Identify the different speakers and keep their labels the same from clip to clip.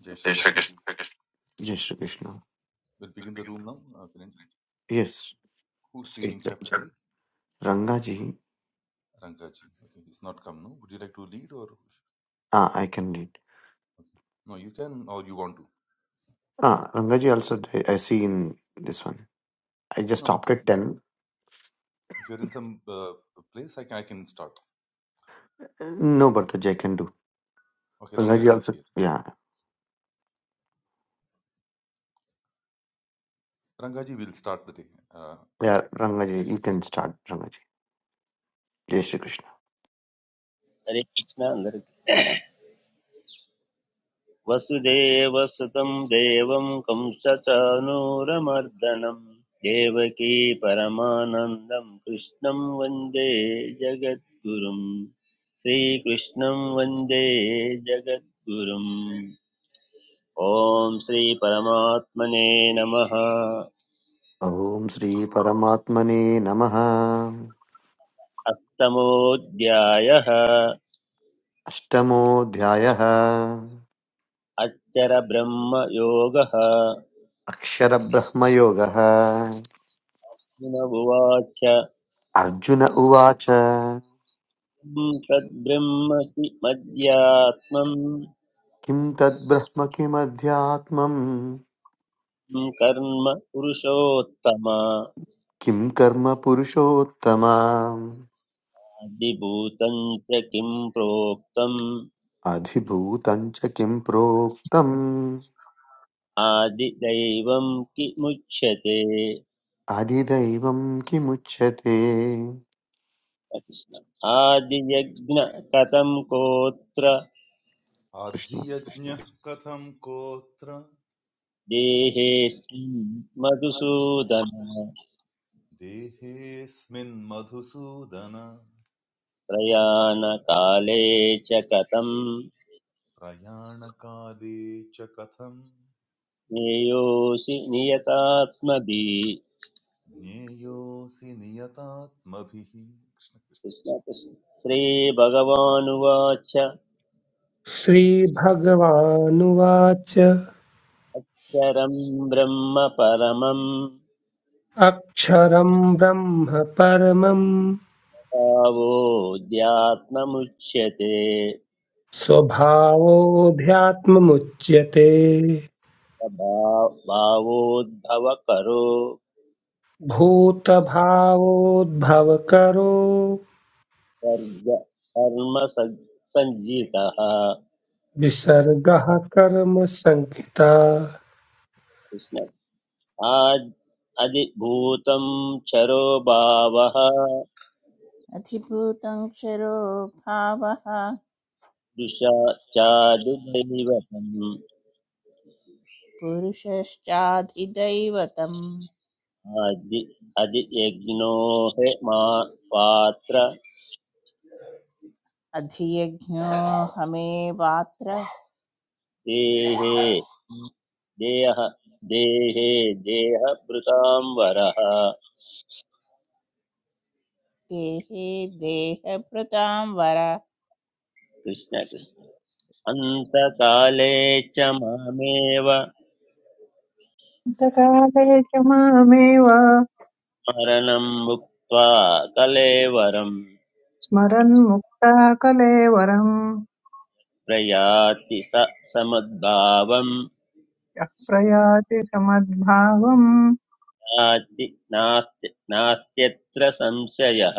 Speaker 1: Jai Shri
Speaker 2: जय Shri
Speaker 1: Krishna.
Speaker 2: Krishna
Speaker 1: Okay.
Speaker 2: Jai Shri Krishna.
Speaker 1: We'll begin the room now. Uh,
Speaker 2: Yes,
Speaker 1: who's
Speaker 2: it's
Speaker 1: leading
Speaker 2: eight lines.
Speaker 1: chapter
Speaker 2: Sure.
Speaker 1: 8?
Speaker 2: Rangaji.
Speaker 1: Rangaji. Okay, he's not come now. Would you like to lead or?
Speaker 2: Ah, I can read.
Speaker 1: No, you can or you want to.
Speaker 2: Ah, Rangaji also, th- I see in this one. I just
Speaker 1: No, uh,
Speaker 2: stopped
Speaker 1: because
Speaker 2: at
Speaker 1: if, you,
Speaker 2: 10.
Speaker 1: if you're in some uh, place, I can, I can start.
Speaker 2: No, but the Jai can do.
Speaker 1: Okay,
Speaker 2: Rangaji
Speaker 1: Rangaji is
Speaker 2: also.
Speaker 1: here.
Speaker 2: Yeah,
Speaker 1: Rangaji will start the day uh,
Speaker 2: yeah,
Speaker 1: immediately. Jai
Speaker 2: Rangaji. You
Speaker 1: Shri
Speaker 2: can
Speaker 1: Krishna.
Speaker 2: start, Rangaji. Jai Shri Krishna.
Speaker 3: हरे कृष्ण అందరికి वसुदेव सुतं देवं कंसचानूरमर्दनं देवकी परमानन्दं कृष्णं वन्दे जगद्गुरुं श्रीकृष्णं वन्दे जगद्गुरुम् ॐ श्रीपरमात्मने नमः
Speaker 2: ॐ श्रीपरमात्मने नमः
Speaker 3: अष्टमोऽध्यायः
Speaker 2: अष्टमोऽध्यायः
Speaker 3: अच्चरब्रह्मयोगः
Speaker 2: अक्षरब्रह्मयोगः
Speaker 3: उवाच
Speaker 2: अर्जुन उवाच
Speaker 3: तद्ब्रह्म कि मद्यात्मम्
Speaker 2: किं तद्ब्रह्म किमध्यात्मम्
Speaker 3: कर्म पुरुषोत्तम
Speaker 2: किं कर्म पुरुषोत्तमा
Speaker 3: आदिभूतं च किं प्रोक्तम्
Speaker 2: अधिभूतं च किं प्रोक्तम्
Speaker 3: आदिदैवं किमुच्यते
Speaker 2: अधिदैवं किमुच्यते
Speaker 3: कृष्ण आदियज्ञ कथं कोत्र
Speaker 2: कृष्ण
Speaker 1: कृष्ण katham kotra
Speaker 3: देहेऽस्मिन् मधुसूदन
Speaker 1: मधुसूदन देहेऽस्मिन् madhusudana
Speaker 3: प्रयाणकाले च कथं
Speaker 1: प्रयाणकाले च कथम्
Speaker 3: ज्ञेयोऽसि नियतात्मभिः
Speaker 1: ज्ञेयोऽसि नियतात्मभिः कृष्णकृष्ण
Speaker 3: श्रीभगवानुवाच
Speaker 4: श्रीभगवानुवाच
Speaker 3: चरं ब्रह्म परमं
Speaker 4: अक्षरं ब्रह्म परमं
Speaker 3: भावोऽध्यात्ममुच्यते
Speaker 4: स्वभावोऽध्यात्ममुच्यते
Speaker 3: भा- भावोद्भवकरो
Speaker 4: भूतभावोद्भवकरो
Speaker 3: सर्ग कर्म सज्- सञ्जितः
Speaker 4: विसर्गः कर्म संहिता
Speaker 3: कृष्ण आद् अधिभूतं चरो भावः
Speaker 5: अधिभूतं क्षरो भावः
Speaker 3: दृशा चादिदैवतम्
Speaker 5: पुरुषश्चाधिदैवतम्
Speaker 3: अधि अधियज्ञो हि मा पात्र
Speaker 5: अधियज्ञोऽहमेवात्र
Speaker 3: देहे देह देहे देहभृतां वरः
Speaker 5: देहे देहभृतां वर
Speaker 3: कृष्ण
Speaker 5: कृष्ण
Speaker 3: कृष्ण
Speaker 5: कृष्ण।
Speaker 3: अन्तकाले च मामेव
Speaker 6: कालेषु मामेव
Speaker 3: मरणं मुक्त्वा कलेवरं
Speaker 6: स्मरन् मुक्ता कलेवरम्
Speaker 3: प्रयाति स समद्भावं
Speaker 6: यः प्रयाति समद्भावम्
Speaker 3: नास्ति नास्ति नास्त्यत्र संशयः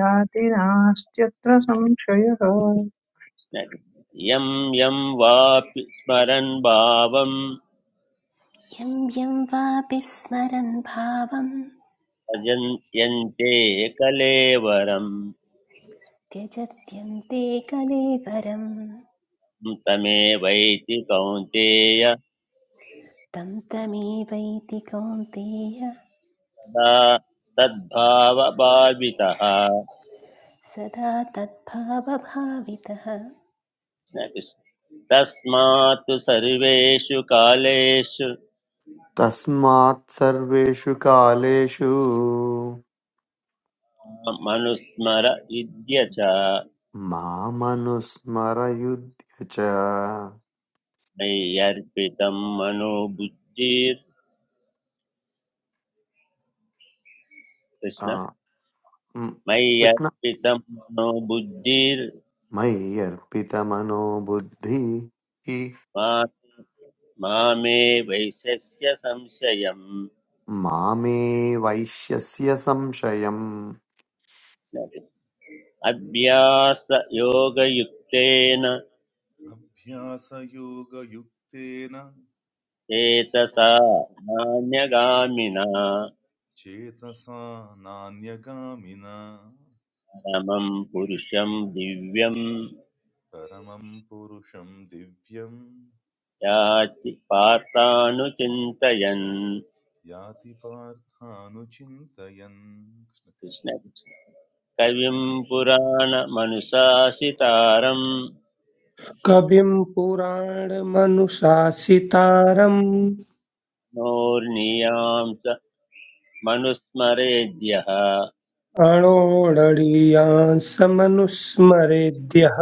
Speaker 6: याति नास्त्यत्र संशयः
Speaker 3: यं यं वापि स्मरन् भावं
Speaker 7: यं यं वापि स्मरन् भावं
Speaker 3: भजन् यन्ते कलेवरम्
Speaker 7: त्यजत्यन्ते कलेवरं
Speaker 3: तमेवैति कौन्तेय
Speaker 7: तं तमेवैति कौन्तेय
Speaker 3: सदा तद्भावभावितः
Speaker 7: सदा तद्भावभावितः
Speaker 3: तस्मात् सर्वेषु कालेषु
Speaker 2: तस्मात् सर्वेषु कालेषु
Speaker 3: मनुस्मर इद्य च
Speaker 2: मामनुस्मरयुध्य च
Speaker 3: मय्यर्पितं मनो बुद्धिर्
Speaker 2: आ,
Speaker 3: कृष्ण
Speaker 2: म्, कृष्ण
Speaker 3: मय्यर्पितं मनो बुद्धिर्
Speaker 2: मयि अर्पितमनो बुद्धि
Speaker 3: मा वैशस्य संशयम्
Speaker 2: मामे वैश्यस्य संशयम्
Speaker 3: अभ्यासयोगयुक्तेन
Speaker 1: अभ्यासयोगयुक्तेन
Speaker 3: चेतसा नान्यगामिना
Speaker 1: चेतसा नान्यगामिना
Speaker 3: परमं पुरुषं दिव्यं
Speaker 1: परमं पुरुषं दिव्यं
Speaker 3: याति पार्थानुचिन्तयन्
Speaker 1: याति पार्थानुचिन्तयन् कृष्ण
Speaker 3: कृष्ण कृष्ण। कविं पुराणमनुशासितारं
Speaker 4: कविं पुराणमनुशासितारम्
Speaker 3: नोर्नियां च मनुस्मरेद्यः
Speaker 4: अणोरणीयांसमनुस्मरेद्यः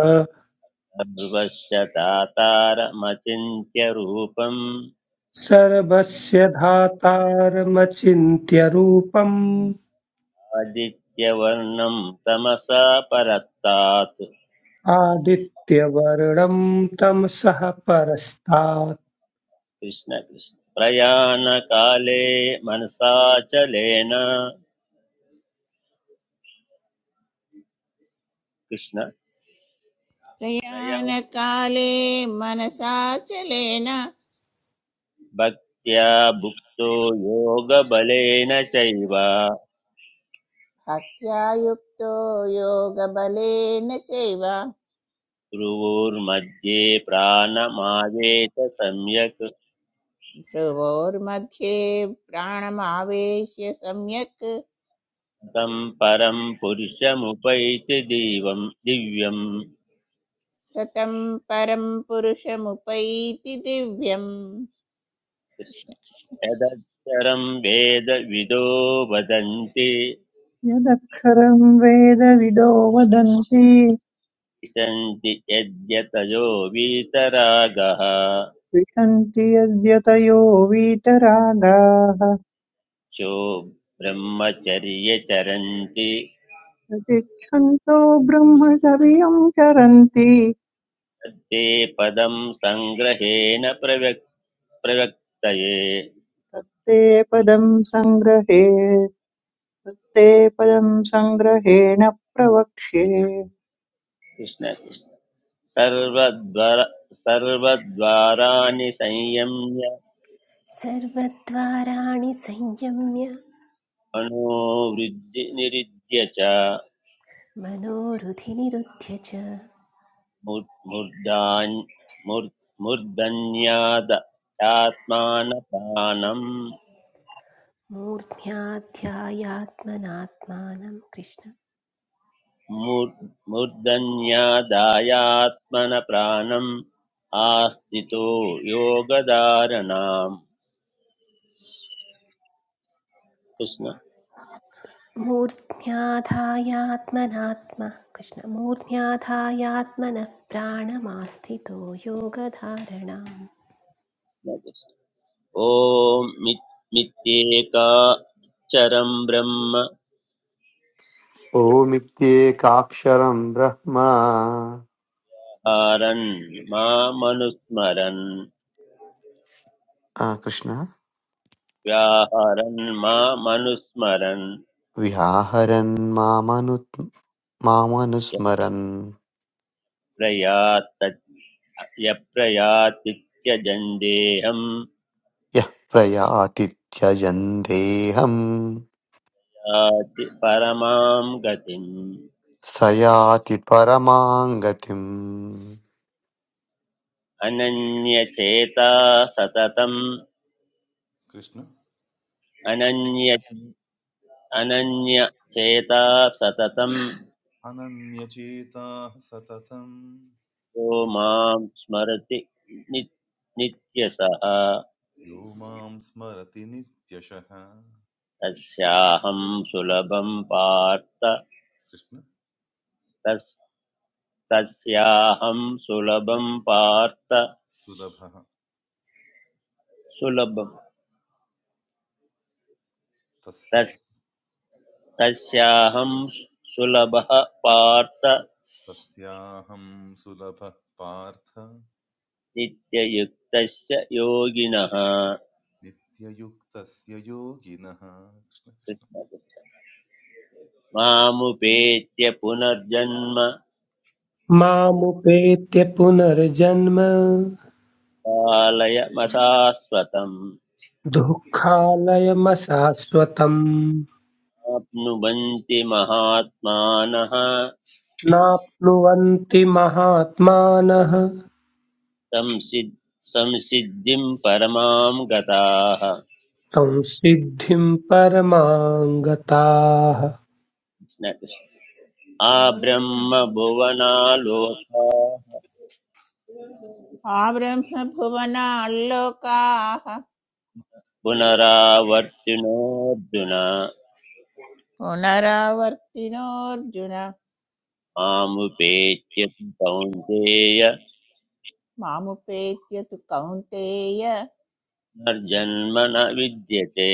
Speaker 3: सर्वस्य तातारमचिन्त्य रूपम्
Speaker 4: सर्वस्य धातारमचिन्त्य रूपम्
Speaker 3: आदित्यवर्णं तमसा परस्तात्
Speaker 4: आदित्यवर्णं तमसः परस्तात्
Speaker 3: कृष्ण कृष्ण प्रयाणकाले मनसाचलेन कृष्ण प्रया
Speaker 5: प्रयाणकाले मनसा चलेन
Speaker 3: भक्त्या भुक्तो योगबलेन चैव
Speaker 5: भक्त्या युक्तो योगबलेन चैव
Speaker 3: ध्रुवोर्मध्ये प्राणमावेत सम्यक्
Speaker 5: भ्रुवोर्मध्ये प्राणमावेश्य सम्यक्
Speaker 3: तं परं पुरुषमुपैति दिवं दिव्यं
Speaker 5: सतं परं पुरुषमुपैति दिव्यम् కృష్ణ
Speaker 3: कृष्ण
Speaker 5: కృష్ణ
Speaker 3: यदक्षरं वेदविदो वदन्ति
Speaker 6: यदक्षरम् वेदविदो वदन्ति
Speaker 3: विशन्ति यद्यतयो वीतरागः
Speaker 6: विशन्ति यद्यतयो वीतरागाः
Speaker 3: यो ब्रह्मचर्ये चरन्ति
Speaker 6: यदिच्छन्तो ब्रह्मचर्यम् चरन्ति
Speaker 3: ते पदं सङ्ग्रहेण प्रव्यक् प्रवक्तये
Speaker 6: तत्ते पदम् सङ्ग्रहे ते पदम् सङ्ग्रहेण प्रवक्ष्ये
Speaker 3: कृष्ण कृष्ण। सर्वद्वार सर्वद्वाराणि संयम्य
Speaker 7: सर्वद्वाराणि संयम्य
Speaker 3: मनोवृद्धि निरुध्य च
Speaker 7: मनोरुधिनिरुध्य च
Speaker 3: मूर्धान् मूर्-
Speaker 7: मूर्ध्याध्यायात्मनात्मानं कृष्ण
Speaker 3: मूर्- मूर्धन्यादायात्मन प्राणम् आस्थितो योगधारणाम् कृष्ण
Speaker 7: मूर्ध्याधायात्मनात्म कृष्ण मूर्ध्याधायात्मनः प्राणमास्थितो योगधारणाम् कृष्ण
Speaker 3: ॐ मित्- मित्येकाक्षरं ब्रह्म
Speaker 2: ओमित्येकाक्षरम् ब्रह्म
Speaker 3: हारन् मामनुस्मरन्
Speaker 2: कृष्ण
Speaker 3: व्याहरन् मामनुस्मरन्
Speaker 2: व्याहरन् मामनु-
Speaker 3: यः
Speaker 2: मामनुस्मरन्
Speaker 3: प्रयात् यप्रयातित्यजन्देहं
Speaker 2: यः प्रयाति त्यजन् देहम्
Speaker 3: याति परमां गतिम्
Speaker 2: स याति परमां गतिम्
Speaker 3: अनन्यचेता सततम्
Speaker 1: कृष्ण। कृष्ण।
Speaker 3: अनन्य अनन्यचेता सततम् यो
Speaker 1: अनन्यचेताः सततं
Speaker 3: मां स्मरति नि- नित्यसः
Speaker 1: यो मां स्मरति नित्यशः
Speaker 3: तस्याहं सुलभं पार्थ
Speaker 1: कृष्ण
Speaker 3: तस् तस्याहं सुलभं पार्थ
Speaker 1: सुलभः
Speaker 3: सुलभं
Speaker 1: तस्
Speaker 3: तस्
Speaker 1: कृष्ण
Speaker 3: तस्याहं सुलभः पार्थ
Speaker 1: तस्याहं सुलभः पार्थ
Speaker 3: नित्ययुक्तस्य योगिनः
Speaker 1: Nitya yuktasya yoginaha Krishna Krishna
Speaker 3: मामुपेत्य पुनर्जन्म
Speaker 4: मामुपेत्य पुनर्जन्म
Speaker 3: कालय मशाश्वतम्
Speaker 4: दुःखालयमशाश्वतम्
Speaker 3: आप्नुवन्ति महात्मानः
Speaker 4: नाप्नुवन्ति महात्मानः
Speaker 3: संसिद् संसिद्धिं परमां गताः
Speaker 4: संसिद्धिं परमाङ्गताः
Speaker 3: न- आब्रह्मभुवनालोका
Speaker 5: ఆ బ్రహ్మభువనాల్లోకాః
Speaker 3: पुनरावर्तिनोऽर्जुन
Speaker 5: పునరావర్తినోऽర్జున
Speaker 3: मामुपेत्य तु कौन्तेय
Speaker 5: మాముపేత్యతు కౌంతేయ
Speaker 3: पुनर्जन्म न विद्यते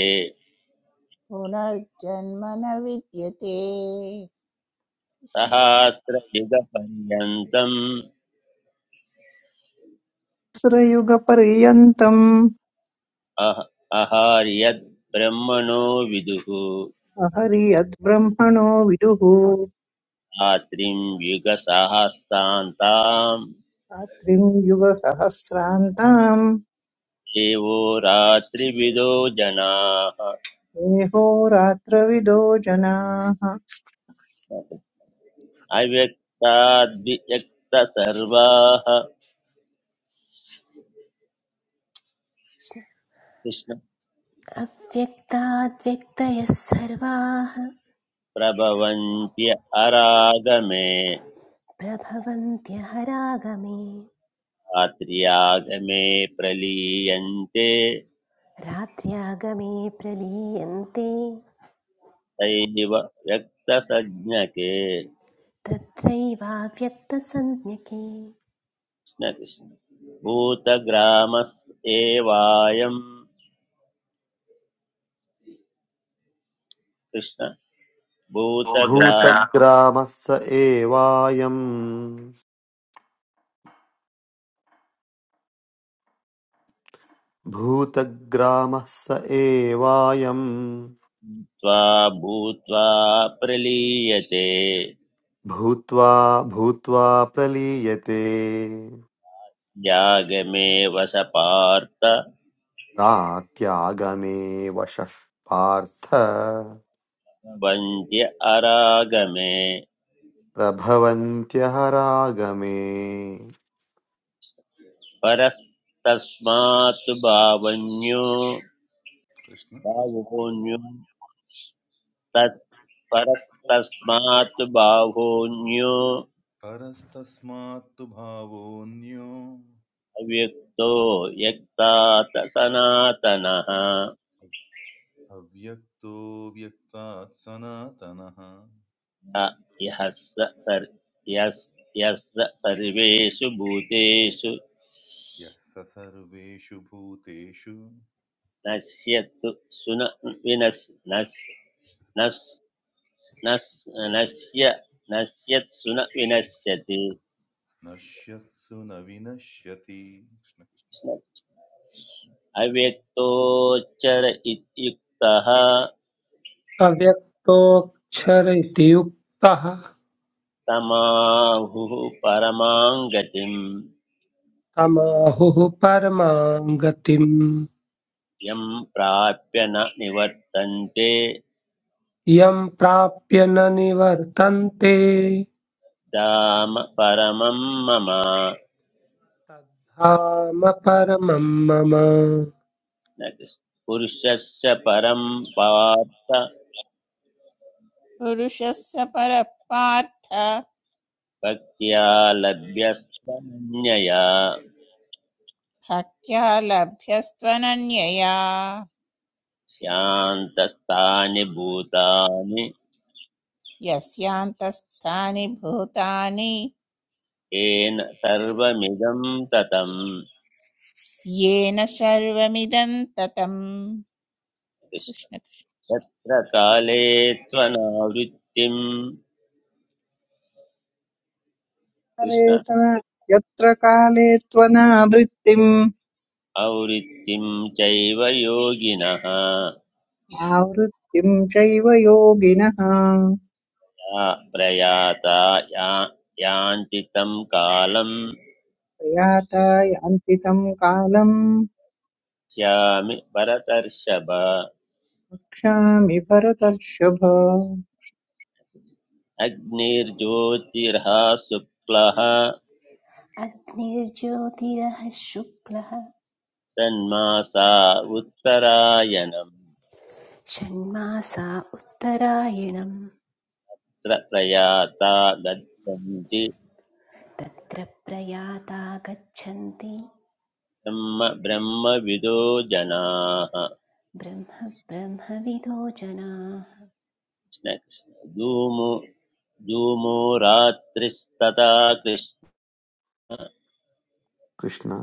Speaker 5: పునర్జన్మ న విద్యతే
Speaker 3: सहस्रयुगपर्यन्तम्
Speaker 6: सुरयुगपर्यन्तम्
Speaker 3: अह अहार्यद्ब्रह्मणो विदुः
Speaker 6: अहरि यद्ब्रह्मणो विदुः
Speaker 3: रात्रिं युगसहस्रान्तां
Speaker 6: रात्रिं युगसहस्रान्ताम्
Speaker 3: देवो रात्रिविदो जनाः
Speaker 6: देहोरात्रविदो जनाः
Speaker 3: अव्यक्ताद्विव्यक्तसर्वाः
Speaker 7: अव्यक्ताद्व्यक्तयः सर्वाः
Speaker 3: कृष्णप्रभवन्त्य अरागमे
Speaker 7: प्रभवन्त्यहरागमे
Speaker 3: रात्र्यागमे प्रलीयन्ते
Speaker 7: रात्र्यागमे प्रलीयन्ते
Speaker 3: सैव व्यक्तसज्ञके
Speaker 7: तत्रैवाव्यक्तसंज्ञके
Speaker 3: कृष्णकृष्ण भूतग्रामस् एवायं कृष्ण भूतग्राम्
Speaker 2: भूतग्रामः स एवायम् भूतग्रामः स एवायम्
Speaker 3: त्वा भूत्वा प्रलीयते
Speaker 2: भूत्वा भूत्वा प्रलीयते
Speaker 3: यागमेव स पार्थ
Speaker 2: रात्यागमे वशः
Speaker 3: वन्त्य अरागमे
Speaker 2: प्रभवन्त्यः रागमे
Speaker 3: परस्तस्मात् भावन्यो
Speaker 1: Krishna
Speaker 3: भावोऽन्यो तत्परस्तस्मात् बाहोऽन्यो
Speaker 1: Arastasmato bhavonya
Speaker 3: अव्यक्तो यक्तात् सनातनः
Speaker 1: avyaktovyakta atsana tanaha
Speaker 3: य- यः स सर्- यस्- यः सर्वेषु भूतेषु
Speaker 1: ya sasarveshubhute shu
Speaker 3: नश्यतु सुन विनश् नश् नश् नश् नश्य नश्यत्सु न विनश्यति
Speaker 1: na shyatsu na vinasyati Krishna Krishna
Speaker 3: अव्यक्तोच्चर इत्युक्तः
Speaker 4: अव्यक्तोऽक्षर इति युक्तः
Speaker 3: तमाहुः परमां गतिं
Speaker 4: तमाहुः परमां गतिम्
Speaker 3: यं प्राप्य न निवर्तन्ते
Speaker 4: यं प्राप्य न निवर्तन्ते
Speaker 3: धाम परमं मम
Speaker 4: तद्धाम परमं मम
Speaker 3: न पुरुषस्य परं पार्थ
Speaker 5: పురుషः స పరః పార్థ
Speaker 3: भक्त्या लभ्यस्त्वनन्यया
Speaker 5: భక్త్యా లభ్యస్త్వనన్యయా
Speaker 3: शान्तस्तानि भूतानि
Speaker 5: యస్యాంతస్థాని భూతాని
Speaker 3: येन सर्वमिदं ततम्
Speaker 5: येन सर्वमिदं ततम्
Speaker 3: कृष्ण तत्र काले त्वनावृत्तिम् कृष्ण
Speaker 6: कालेतन यत्र काले त्वनावृत्तिम्
Speaker 3: आवृत्तिं चैव योगिनः
Speaker 6: आवृत्तिं चैव योगिनः
Speaker 3: या प्रयाता या यान्ति तं कालं
Speaker 6: प्रयाता यान्ति तं कालम्
Speaker 3: स्यामि भरतर्षभ
Speaker 6: रक्षामि भरतर्षभ
Speaker 3: अग्निर्ज्योतिर्हा शुक्लः
Speaker 7: अग्निर्ज्योतिरः शुक्लः
Speaker 3: तन्मासा उत्तरायणम्
Speaker 7: षण्मासा उत्तरायणम्
Speaker 3: तत्र प्रयाता गच्छन्ति
Speaker 7: तत्र प्रयाता गच्छन्ति
Speaker 3: ब्रह्म ब्रह्मविदो जनाः कृष्ण
Speaker 7: ब्रह्म ब्रह्मविदो जनाः
Speaker 3: कृष्ण धूमो धूमो रात्रिस्तथा कृष्ण
Speaker 2: कृष्ण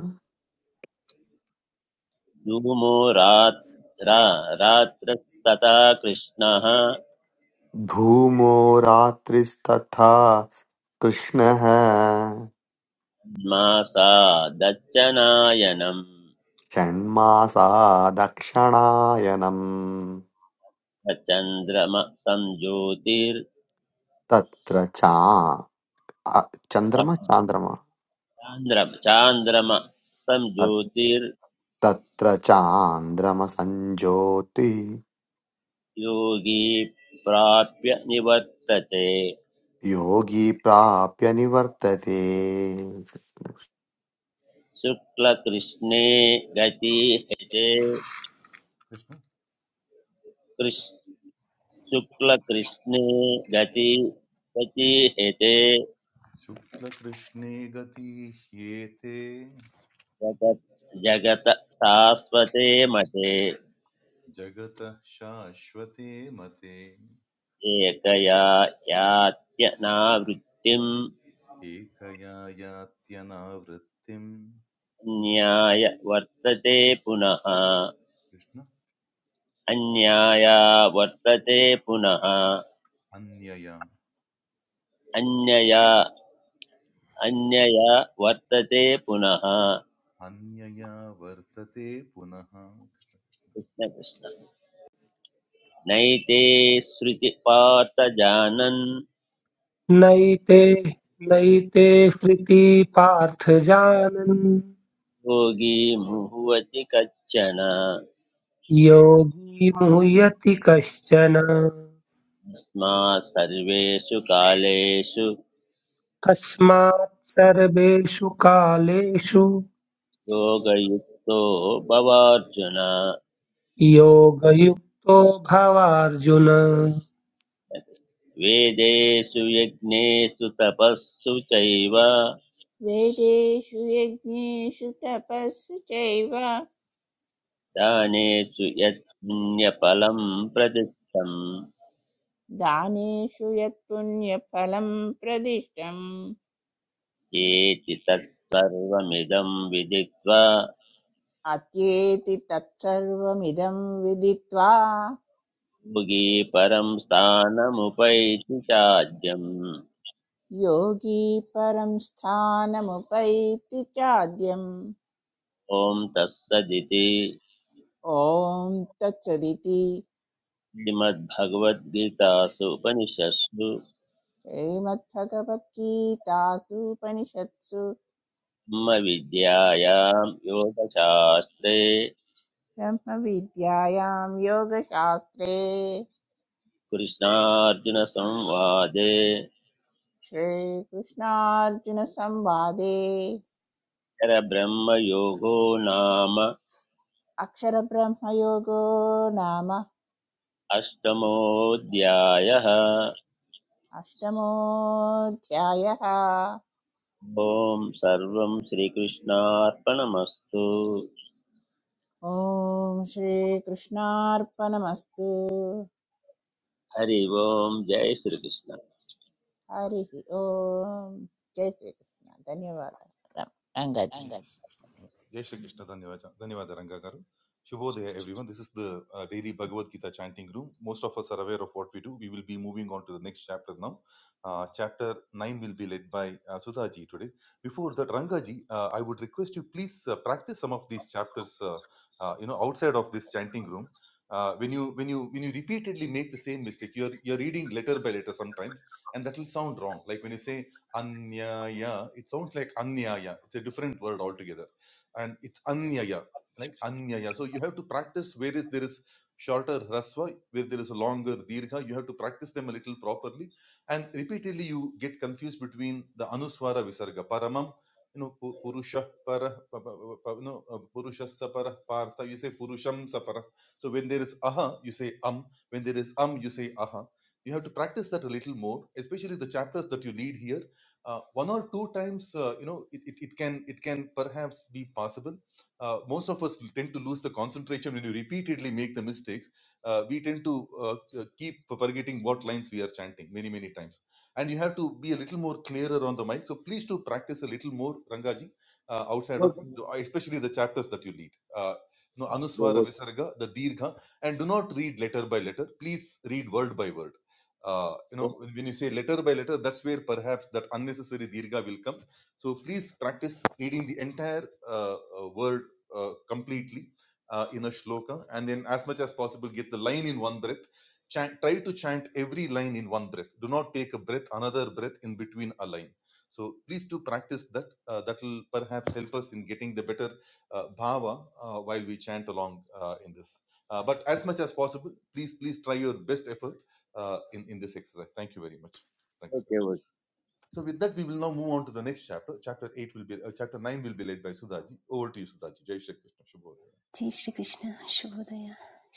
Speaker 3: धूमो रात् रा रात्रस्तथा कृष्णः
Speaker 2: धूमो रात्रिस्तथा कृष्णः
Speaker 3: मासा दच्चनायनम्
Speaker 2: षण्मासा दक्षिणायनम्
Speaker 3: चन्द्रम संज्योतिर्
Speaker 2: तत्र चा अ- चन्द्रमा चान्द्रमा
Speaker 3: चान्द्रम
Speaker 2: तत्-
Speaker 3: संज्योतिर्योगी
Speaker 2: तत्र चान्द्रमसञ्जोति
Speaker 3: प्राप्य निवर्तते
Speaker 2: योगी प्राप्य निवर्तते
Speaker 3: शुक्लकृष्णे गति हेते
Speaker 1: Krishna
Speaker 3: कृष्- शुक्लकृष्णे गति गति हेते
Speaker 1: Shukla Krishnaegati yete
Speaker 3: जगत् जगत शाश्वते मते
Speaker 1: jagatashvathe mathe
Speaker 3: एकया यात्यनावृत्तिं
Speaker 1: ekaya yatya navritim
Speaker 3: न्याय वर्तते पुनः
Speaker 1: Krishna
Speaker 3: अन्याया वर्तते पुनः
Speaker 1: अन्यया
Speaker 3: अन्यया अन्यया वर्तते पुनः
Speaker 1: अन्यया वर्तते पुनः
Speaker 3: कृष्णकृष्ण नैते श्रुतिपार्थजानन्
Speaker 4: नैते नैते हृति पार्थ जानन्
Speaker 3: योगी मुह्यति कच्चन
Speaker 4: योगी मुह्यति कश्चन
Speaker 3: तस्मात् सर्वेषु कालेषु
Speaker 4: तस्मात् सर्वेषु कालेषु
Speaker 3: योगयुक्तो भवार्जुन
Speaker 4: योगयुक्तो भवार्जुन
Speaker 3: वेदेषु यज्ञेषु तपस्सु चैव
Speaker 5: वेदेषु यज्ञेषु तपस्सु चैव
Speaker 3: दानेषु यत्पुण्यफलं प्रदिष्टम्
Speaker 5: दानेषु यत्पुण्यफलं प्रदिष्टम्
Speaker 3: एति तत्सर्वमिदं विदित्वा
Speaker 5: अत्येति तत्सर्वमिदं विदित्वा
Speaker 3: योगी परं स्थानमुपैति चाद्यम्
Speaker 5: योगी परं स्थानमुपैति चाद्यम्
Speaker 3: ॐ तत्सदिति
Speaker 5: ॐ तत्सदिति
Speaker 3: श्रीमद्भगवद्गीतासु उपनिषत्सु
Speaker 5: श्रीमद्भगवद्गीतासूपनिषत्सु
Speaker 3: ब्रह्मविद्यायां योगशास्त्रे
Speaker 5: ब्रह्मविद्यायां योगशास्त्रे
Speaker 3: कृष्णार्जुनसंवादे
Speaker 5: श्रीकृष्णार्जुनसंवादे
Speaker 3: परब्रह्मयोगो नाम
Speaker 5: अक्षरब्रह्मयोगो नाम
Speaker 3: अष्टमोऽध्यायः
Speaker 5: अष्टमोऽध्यायः
Speaker 3: ॐ सर्वं श्रीकृष्णार्पणमस्तु
Speaker 5: ॐ श्रीकृष्णार्पणमस्तु
Speaker 3: हरि ओम् जय श्रीकृष्ण
Speaker 5: हरिः ॐ जय श्रीकृष्ण धन्यवादः Ram- Rangaji
Speaker 1: Jai Shri Krishna, Dhanyavaja- Dhanyavada Ranga Garu. Shubhodaya, everyone. This is the uh, daily Bhagavad Gita chanting room. Most of us are aware of what we do. We will be moving on to the next chapter now. Uh, chapter 9 will be led by uh, Sudhaji today. Before that, Rangaji, uh, I would request you please uh, practice some of these chapters, uh, uh, you know, outside of this chanting room. Uh, when you when you when you repeatedly make the same mistake, you're you're reading letter by letter sometimes, and that will sound wrong. Like when you say Anyaya. It sounds like anyaya. It's a different word altogether. And it's anyaya. Like anyaya. So you have to practice where is there is shorter rasva, where there is a longer dirgha. You have to practice them a little properly. And repeatedly you get confused between the anuswara visarga. Paramam, you know, pu- purusha para, pa- pa- pa- pa- you know, uh, purushasya para, partha, you say purusham sapara. So when there is aha, you say am. When there is am, you say aha. You have to practice that a little more, especially the chapters that you lead here uh, one or two times uh, you know it, it, it can it can perhaps be possible uh, most of us tend to lose the concentration when you repeatedly make the mistakes uh, we tend to uh, uh, keep forgetting what lines we are chanting many many times and you have to be a little more clearer on the mic so please do practice a little more rangaji uh, outside of the, especially the chapters that you lead uh, no anuswara visarga the dirgha and do not read letter by letter please read word by word uh, you know when you say letter by letter that's where perhaps that unnecessary dirgha will come so please practice reading the entire uh, uh, word uh, completely uh, in a shloka and then as much as possible get the line in one breath chant, try to chant every line in one breath do not take a breath another breath in between a line so please do practice that uh, that will perhaps help us in getting the better uh, bhava uh, while we chant along uh, in this uh, but as much as possible please please try your best effort uh, in, in this exercise. Thank you very much. Thank you. So with that, we will now move on to the next chapter. Chapter eight will be, uh, chapter nine will be led by Sudhaji. Over to you, Sudhaji. Jai Shri Krishna. Shubhodaya.
Speaker 7: जय श्रीकृष्ण शुभोदय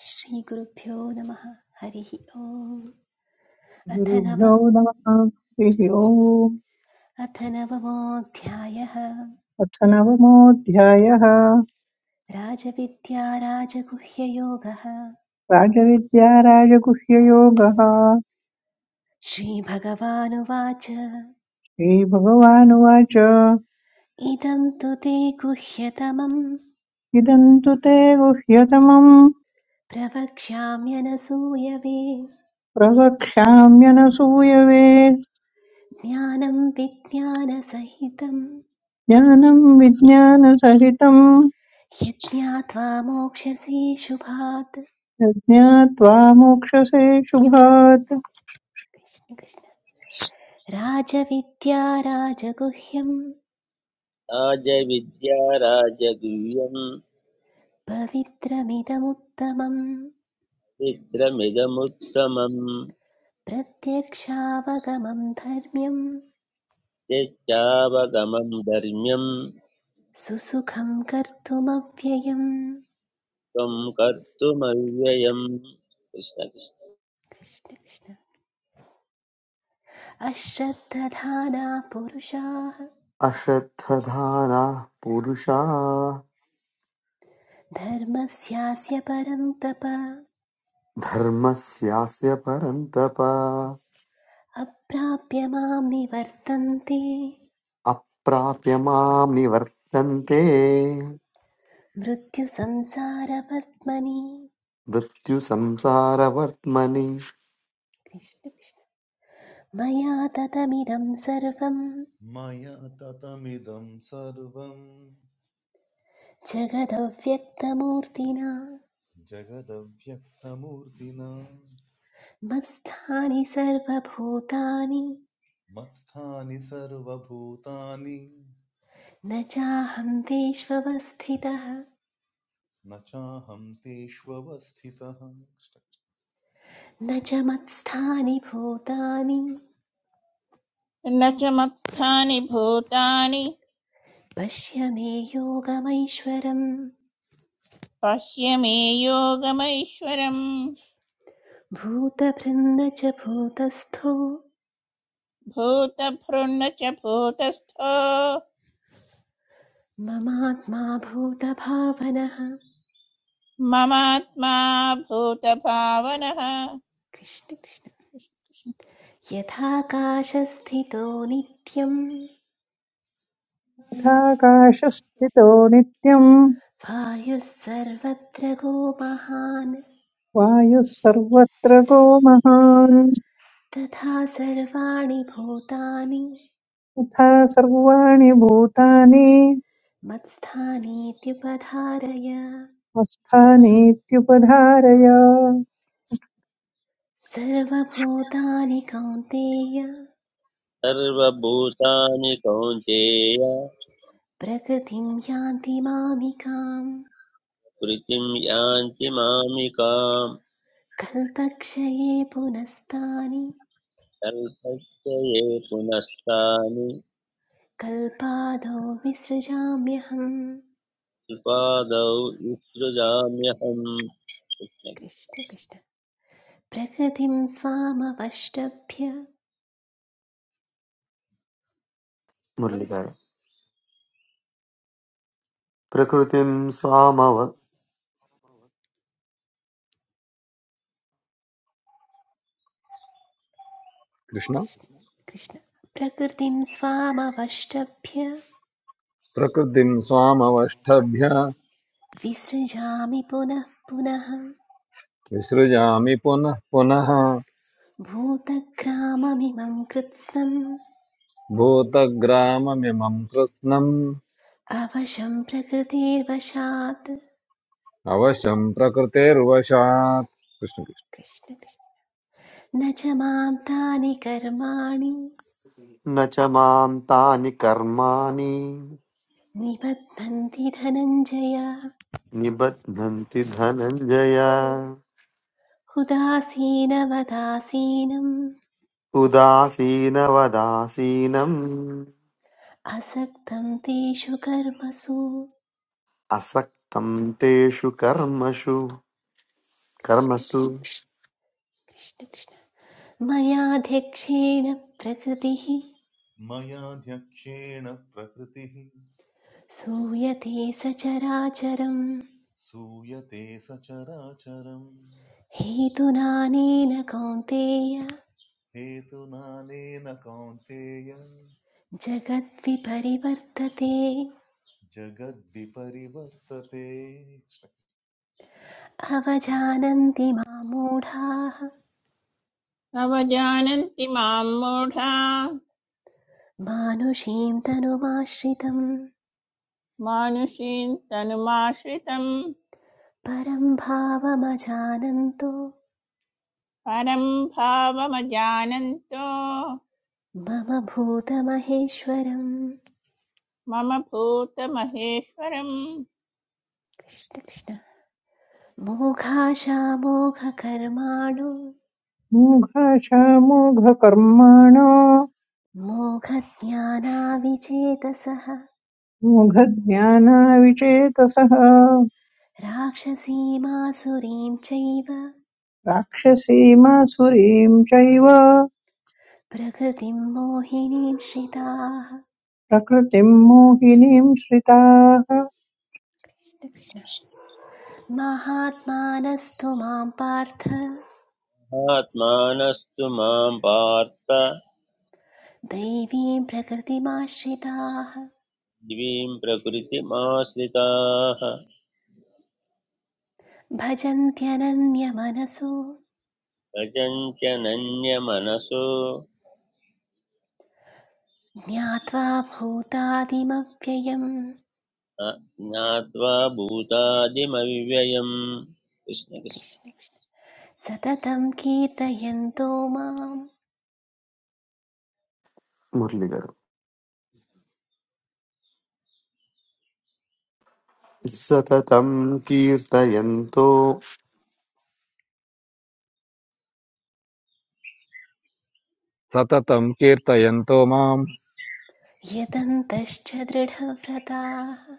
Speaker 7: श्रीगुरुभ्यो नमः हरिः ओम् अथ
Speaker 6: गुरुभ्यो
Speaker 7: नवम्
Speaker 6: नमः हरिः ओम्
Speaker 7: अथ नवमोऽध्यायः
Speaker 6: अथ नवमोऽध्यायः
Speaker 7: राजविद्या राजगुह्ययोगः
Speaker 6: राजविद्या राजगुह्ययोगः
Speaker 7: श्रीभगवानुवाच
Speaker 6: श्रीभगवानुवाच
Speaker 7: इदं तु ते गुह्यतमं
Speaker 6: इदं तु ते गुह्यतमम्
Speaker 7: प्रवक्ष्याम्यनसूयवे
Speaker 6: प्रवक्ष्याम्यनसूयवे
Speaker 7: ज्ञानं विज्ञानसहितं
Speaker 6: ज्ञानं विज्ञानसहितं
Speaker 7: यज्ञात्वा मोक्ष्यसि शुभात्
Speaker 6: यज्ञात्वा मोक्षसे शुभात्
Speaker 7: कृष्ण कृष्ण राजविद्या राजगुह्यं
Speaker 3: राजविद्या राजगुह्यम्
Speaker 7: पवित्रमिदमुत्तमं
Speaker 3: चित्रमिदमुत्तमम्
Speaker 7: प्रत्यक्षावगमं धर्म्यं
Speaker 3: यच्चावगमं धर्म्यं
Speaker 7: सुसुखं कर्तुमव्ययम्
Speaker 3: त्वं कर्तुमव्ययम् कृष्ण कृष्ण।
Speaker 7: कृष्ण कृष्ण अश्रद्धधाना पुरुषाः
Speaker 2: अश्रद्धधानाः पुरुषा
Speaker 7: धर्मस्यास्य परन्तप
Speaker 2: धर्मस्यास्य परन्तप
Speaker 7: अप्राप्य मां निवर्तन्ते
Speaker 2: अप्राप्य मां निवर्तन्ते
Speaker 7: मृत्युसंसारवर्त्मनि
Speaker 2: मृत्युसंसारवर्त्मनि
Speaker 7: कृष्ण कृष्ण मया ततमिदं सर्वं
Speaker 1: Maya tatamidam sarvam
Speaker 7: जगदव्यक्तमूर्तिना
Speaker 1: jagadavhyaktamurtina
Speaker 7: मत्स्थानि सर्वभूतानि
Speaker 1: मत्स्थानि सर्वभूतानि
Speaker 7: न चाहं देष्वस्थितः
Speaker 1: न चाहं तेष्वस्थितः
Speaker 7: न च मत्स्थानि भूतानि
Speaker 5: न च मत्स्थानि भूतानि
Speaker 7: पश्य मे योगमैश्वरम्
Speaker 5: पश्य मे योगमैश्वरम्
Speaker 7: भूतभृन्न च भूतस्थो
Speaker 5: भूतभृन्न च भूतस्थो
Speaker 7: ममात्मा भूतभावनः
Speaker 5: ममात्मा भूतभावनः
Speaker 7: कृष्ण कृष्ण यथाकाशस्थितो नित्यम्
Speaker 6: तथाकाशस्थितो नित्यं
Speaker 7: वायुः सर्वत्र गोमहान्
Speaker 6: वायुः सर्वत्र को महान्
Speaker 7: तथा सर्वाणि भूतानि
Speaker 6: तथा सर्वाणि भूतानि
Speaker 7: मत्स्थानीत्युपधारय
Speaker 6: स्वस्थानीत्युपधारय
Speaker 7: सर्वभूतानि कौन्तेय
Speaker 3: सर्वभूतानि कौन्तेय
Speaker 7: प्रकृतिं यान्ति मामिकाम्
Speaker 3: कृतिं यान्ति मामिकाम्
Speaker 7: कल्पक्षये पुनस्तानि
Speaker 3: कल्पस्य ये पुनस्तानि
Speaker 7: कल्पादौ विसृजाम्यहम्
Speaker 3: उपादौ विसृजाम्यहम् कृष्ण कृष्ण।
Speaker 7: कृष्ण कृष्ण प्रकृतिं स्वामवष्टभ्य
Speaker 2: मुरलीधर प्रकृतिं स्वामव न
Speaker 8: कृष्ण
Speaker 7: कृष्ण कृष्ण प्रकृतिं स्वामवष्टभ्य
Speaker 8: प्रकृतिं स्वामवष्टभ्य
Speaker 7: विसृजामि पुनः पुनः
Speaker 8: विसृजामि पुनः पुनः
Speaker 7: भूतग्राममिमं कृत्स्नम्
Speaker 8: भूतग्राममिमं कृत्स्नम्
Speaker 7: अवशं प्रकृतेर्वशात्
Speaker 8: अवशं प्रकृतेर्वशात् कृष्ण कृष्ण
Speaker 7: कृष्ण कृष्ण न च मां तानि कर्माणि
Speaker 2: च मां तानि कर्माणि
Speaker 7: निबध्नन्ति धनञ्जय
Speaker 2: निबध्नन्ति धनञ्जय
Speaker 7: उदासीनवदासीनम्
Speaker 2: उदासीनवदासीनम्
Speaker 7: असक्तं तेषु कर्मसु
Speaker 2: असक्तं तेषु कर्मसु
Speaker 7: कृष्ण
Speaker 2: कर्मसु
Speaker 7: कृष्ण कृष्ण कृष्ण मयाध्यक्षेण प्रकृतिः
Speaker 1: मयाध्यक्षेण प्रकृतिः
Speaker 7: सूयते सचराचरम्
Speaker 1: सूयते सचराचरम्
Speaker 7: हेतुनानेन कौन्तेय
Speaker 1: हेतुनानेन कौन्तेय
Speaker 7: जगद्विपरिवर्तते
Speaker 1: जगद्विपरिवर्तते
Speaker 7: अवजानन्ति मामूढाः
Speaker 5: अवजानन्ति मां मूढा
Speaker 7: मानुषीं तनुमाश्रितं
Speaker 5: मानुषीं तनुमाश्रितं
Speaker 7: परं भावमजानन्तो
Speaker 5: परं भावमजानन्तो
Speaker 7: मम भूतमहेश्वरम्
Speaker 5: मम भूतमहेश्वरं
Speaker 7: कृष्णकृष्ण मोघाशामोघकर्माणो
Speaker 6: मूढाशामूढकर्माणो
Speaker 7: मोघज्ञानाविचेतसः
Speaker 6: मूढज्ञानाविचेतसः
Speaker 7: राक्षसीमासुरीं चैव
Speaker 6: राक्षसीमासुरीम् चैव
Speaker 7: प्रकृतिं मोहिनीं श्रिताः
Speaker 6: प्रकृतिम् मोहिनीम् श्रिताः
Speaker 7: कृष्ण महात्मानस्तु मां पार्थ
Speaker 3: आत्मानस्तु मां पार्थ
Speaker 7: दैवीं प्रकृतिमाश्रिताः
Speaker 3: दिवीं प्रकृतिमाश्रिताः
Speaker 7: भजन्त्यनन्यमनसो
Speaker 3: अचञ्चनन्यमनसो
Speaker 7: ज्ञात्वा भूतादिमव्ययम्
Speaker 3: न- ज्ञात्वा भूतादिमव्ययम् कृष्ण कृष्ण
Speaker 7: कृष्ण कृष्ण सततं कीर्तयन्तो मां
Speaker 2: मुरलीधर सततं कीर्तयन्तो
Speaker 8: सततं कीर्तयन्तो मां
Speaker 7: यतन्तश्च दृढव्रताः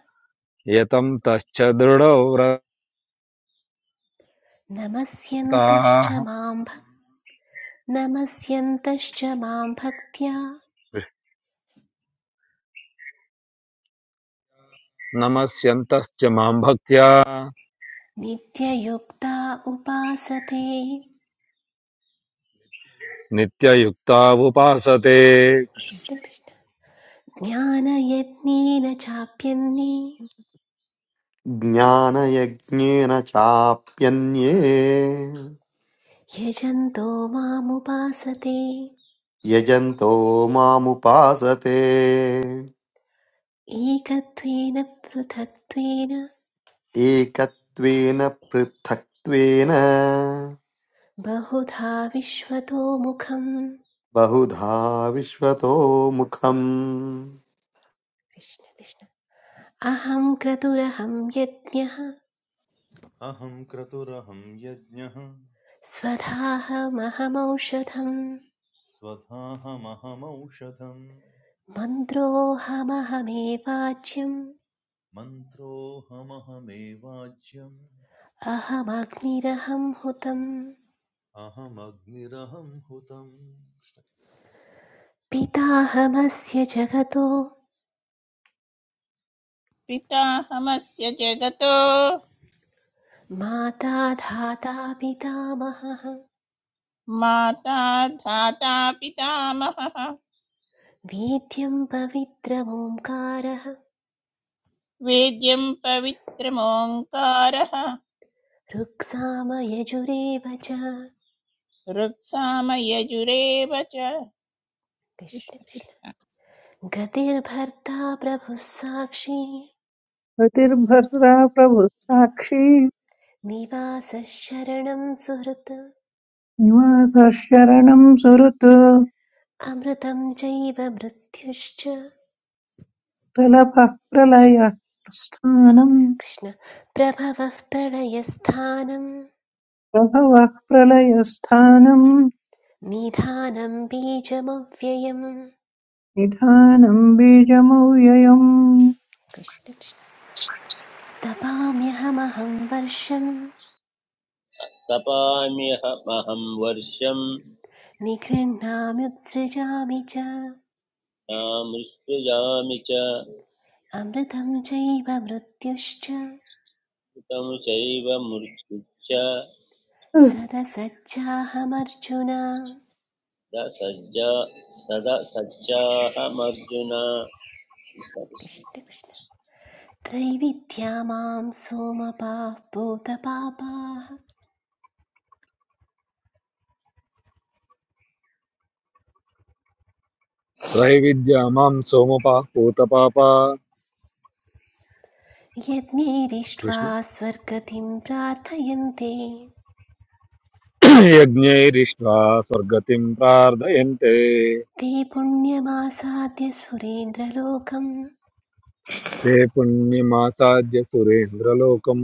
Speaker 8: यतं तश्च दृढो व्रताः
Speaker 7: नमस्यन्तश्च मां भक्त्या
Speaker 8: नमस्यन्तश्च मां भक्त्या
Speaker 7: नित्ययुक्ता उपासते
Speaker 8: नित्ययुक्तावुपासते
Speaker 7: कृष्ण कृष्ण ज्ञानयज्ञेन चाप्यन्ये
Speaker 2: ज्ञानयज्ञेन चाप्यन्ये
Speaker 7: यजन्तो मामुपासते
Speaker 2: यजन्तो मामुपासते
Speaker 7: एकत्वेन पृथक्त्वेन
Speaker 2: एकत्वेन पृथक्त्वेन
Speaker 7: बहुधा विश्वतो मुखं।
Speaker 2: बहुधा विश्वतो मुखम्
Speaker 7: कृष्ण कृष्ण अहं क्रतुरहं यज्ञः
Speaker 1: अहं क्रतुरहं यज्ञः
Speaker 7: स्वधाहमहमौषधम्
Speaker 1: स्वधाहमहमौषधम्
Speaker 7: मन्त्रोऽहमहमेवाच्यम्
Speaker 1: मन्त्रोऽहमहमेवाज्यम्
Speaker 7: अहमग्निरहं हुतम्
Speaker 1: अहमग्निरहं हुतम्
Speaker 7: पिताहमस्य जगतो
Speaker 5: पिताहमस्य जगतो
Speaker 7: माता धाता पितामहः
Speaker 5: माता धाता पितामहः
Speaker 7: वेद्यं पवित्रमोङ्कारः
Speaker 5: वेद्यं पवित्रमोङ्कारः
Speaker 7: ऋक्सामयजुरेव च
Speaker 5: ऋक्सामयजुरेव च
Speaker 7: कृष्ण
Speaker 5: कृष्ण
Speaker 7: कृष्ण
Speaker 5: कृष्ण
Speaker 7: गतिर्भर्ता प्रभुः साक्षी
Speaker 6: प्रतिर्भद्रा प्रभुस्साक्षी
Speaker 7: निवासः शरणं सुहृत्
Speaker 6: निवासः शरणम् सुहृत्
Speaker 7: अमृतं चैव मृत्युश्च
Speaker 6: प्रलभः प्रलयः स्थानम्
Speaker 7: कृष्ण प्रभवः प्रणयस्थानं
Speaker 6: प्रभवः प्रलयस्थानम्
Speaker 7: निधानं बीजमव्ययम्
Speaker 6: निधानम् बीजमव्ययम्
Speaker 7: कृष्ण कृष्ण तपाम्यहमहं वर्षं
Speaker 3: तपाम्यहमहं वर्षं
Speaker 7: निगृह्णाम्युत्सृजामि च
Speaker 3: मृत्युजामि च
Speaker 7: अमृतं चैव मृत्युश्च
Speaker 3: ऋतं चैव मृत्युच्च
Speaker 7: सदसच्चाहमर्जुन
Speaker 3: दसज्जा सदा सज्जाहमर्जुन
Speaker 7: कृष्ण कृष्ण त्रैविद्या मां सोमपाः भूतपापाः
Speaker 8: त्रैविद्या मां सोमुपा पूतपापा
Speaker 7: यज्ञैरिष्ट्वा
Speaker 8: कृष्ण
Speaker 7: स्वर्गतिं प्रार्थयन्ते
Speaker 8: यज्ञैरिष्ट्वा स्वर्गतिं प्रार्थयन्ते
Speaker 7: ते पुण्यमासाद्य सुरेन्द्रलोकम्
Speaker 8: ते पुण्यमासाद्य सुरेन्द्रलोकम्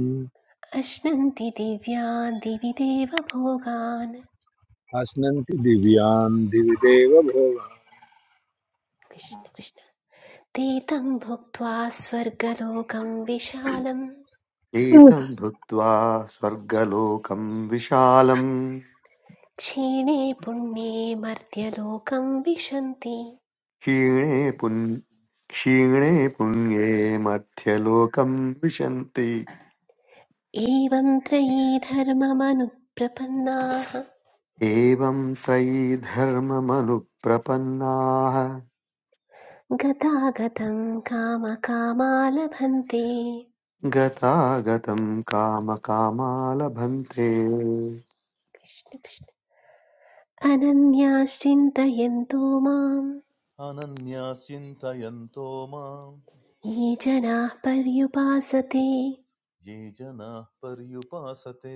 Speaker 7: अश्नन्ति दिव्यान् दिवि देवभोगान्
Speaker 8: अश्नन्ति दिव्यान् दिवि देव भोगा
Speaker 7: कृष्ण कृष्ण ते तं भुक्त्वा स्वर्गलोकं विशालं
Speaker 2: एतं भुक्त्वा स्वर्गलोकं विशालम्
Speaker 7: क्षीणे पुण्ये मर्त्यलोकं विशन्ति
Speaker 2: क्षीणे पुन् क्षीणे पुण्ये मध्यलोकं विशन्ति
Speaker 7: एवं त्रयी धर्ममनुप्रपन्नाः
Speaker 2: एवं त्रयी धर्ममनुप्रपन्नाः
Speaker 7: गतागतं कामकामालभन्ते
Speaker 2: गतागतं कामकामा
Speaker 7: कृष्ण कृष्ण। अनन्याश्चिन्तयन्तो मां
Speaker 1: अनन्या चिन्तयन्तो माम्
Speaker 7: ये जनाः पर्युपासते
Speaker 1: ये जनाः पर्युपासते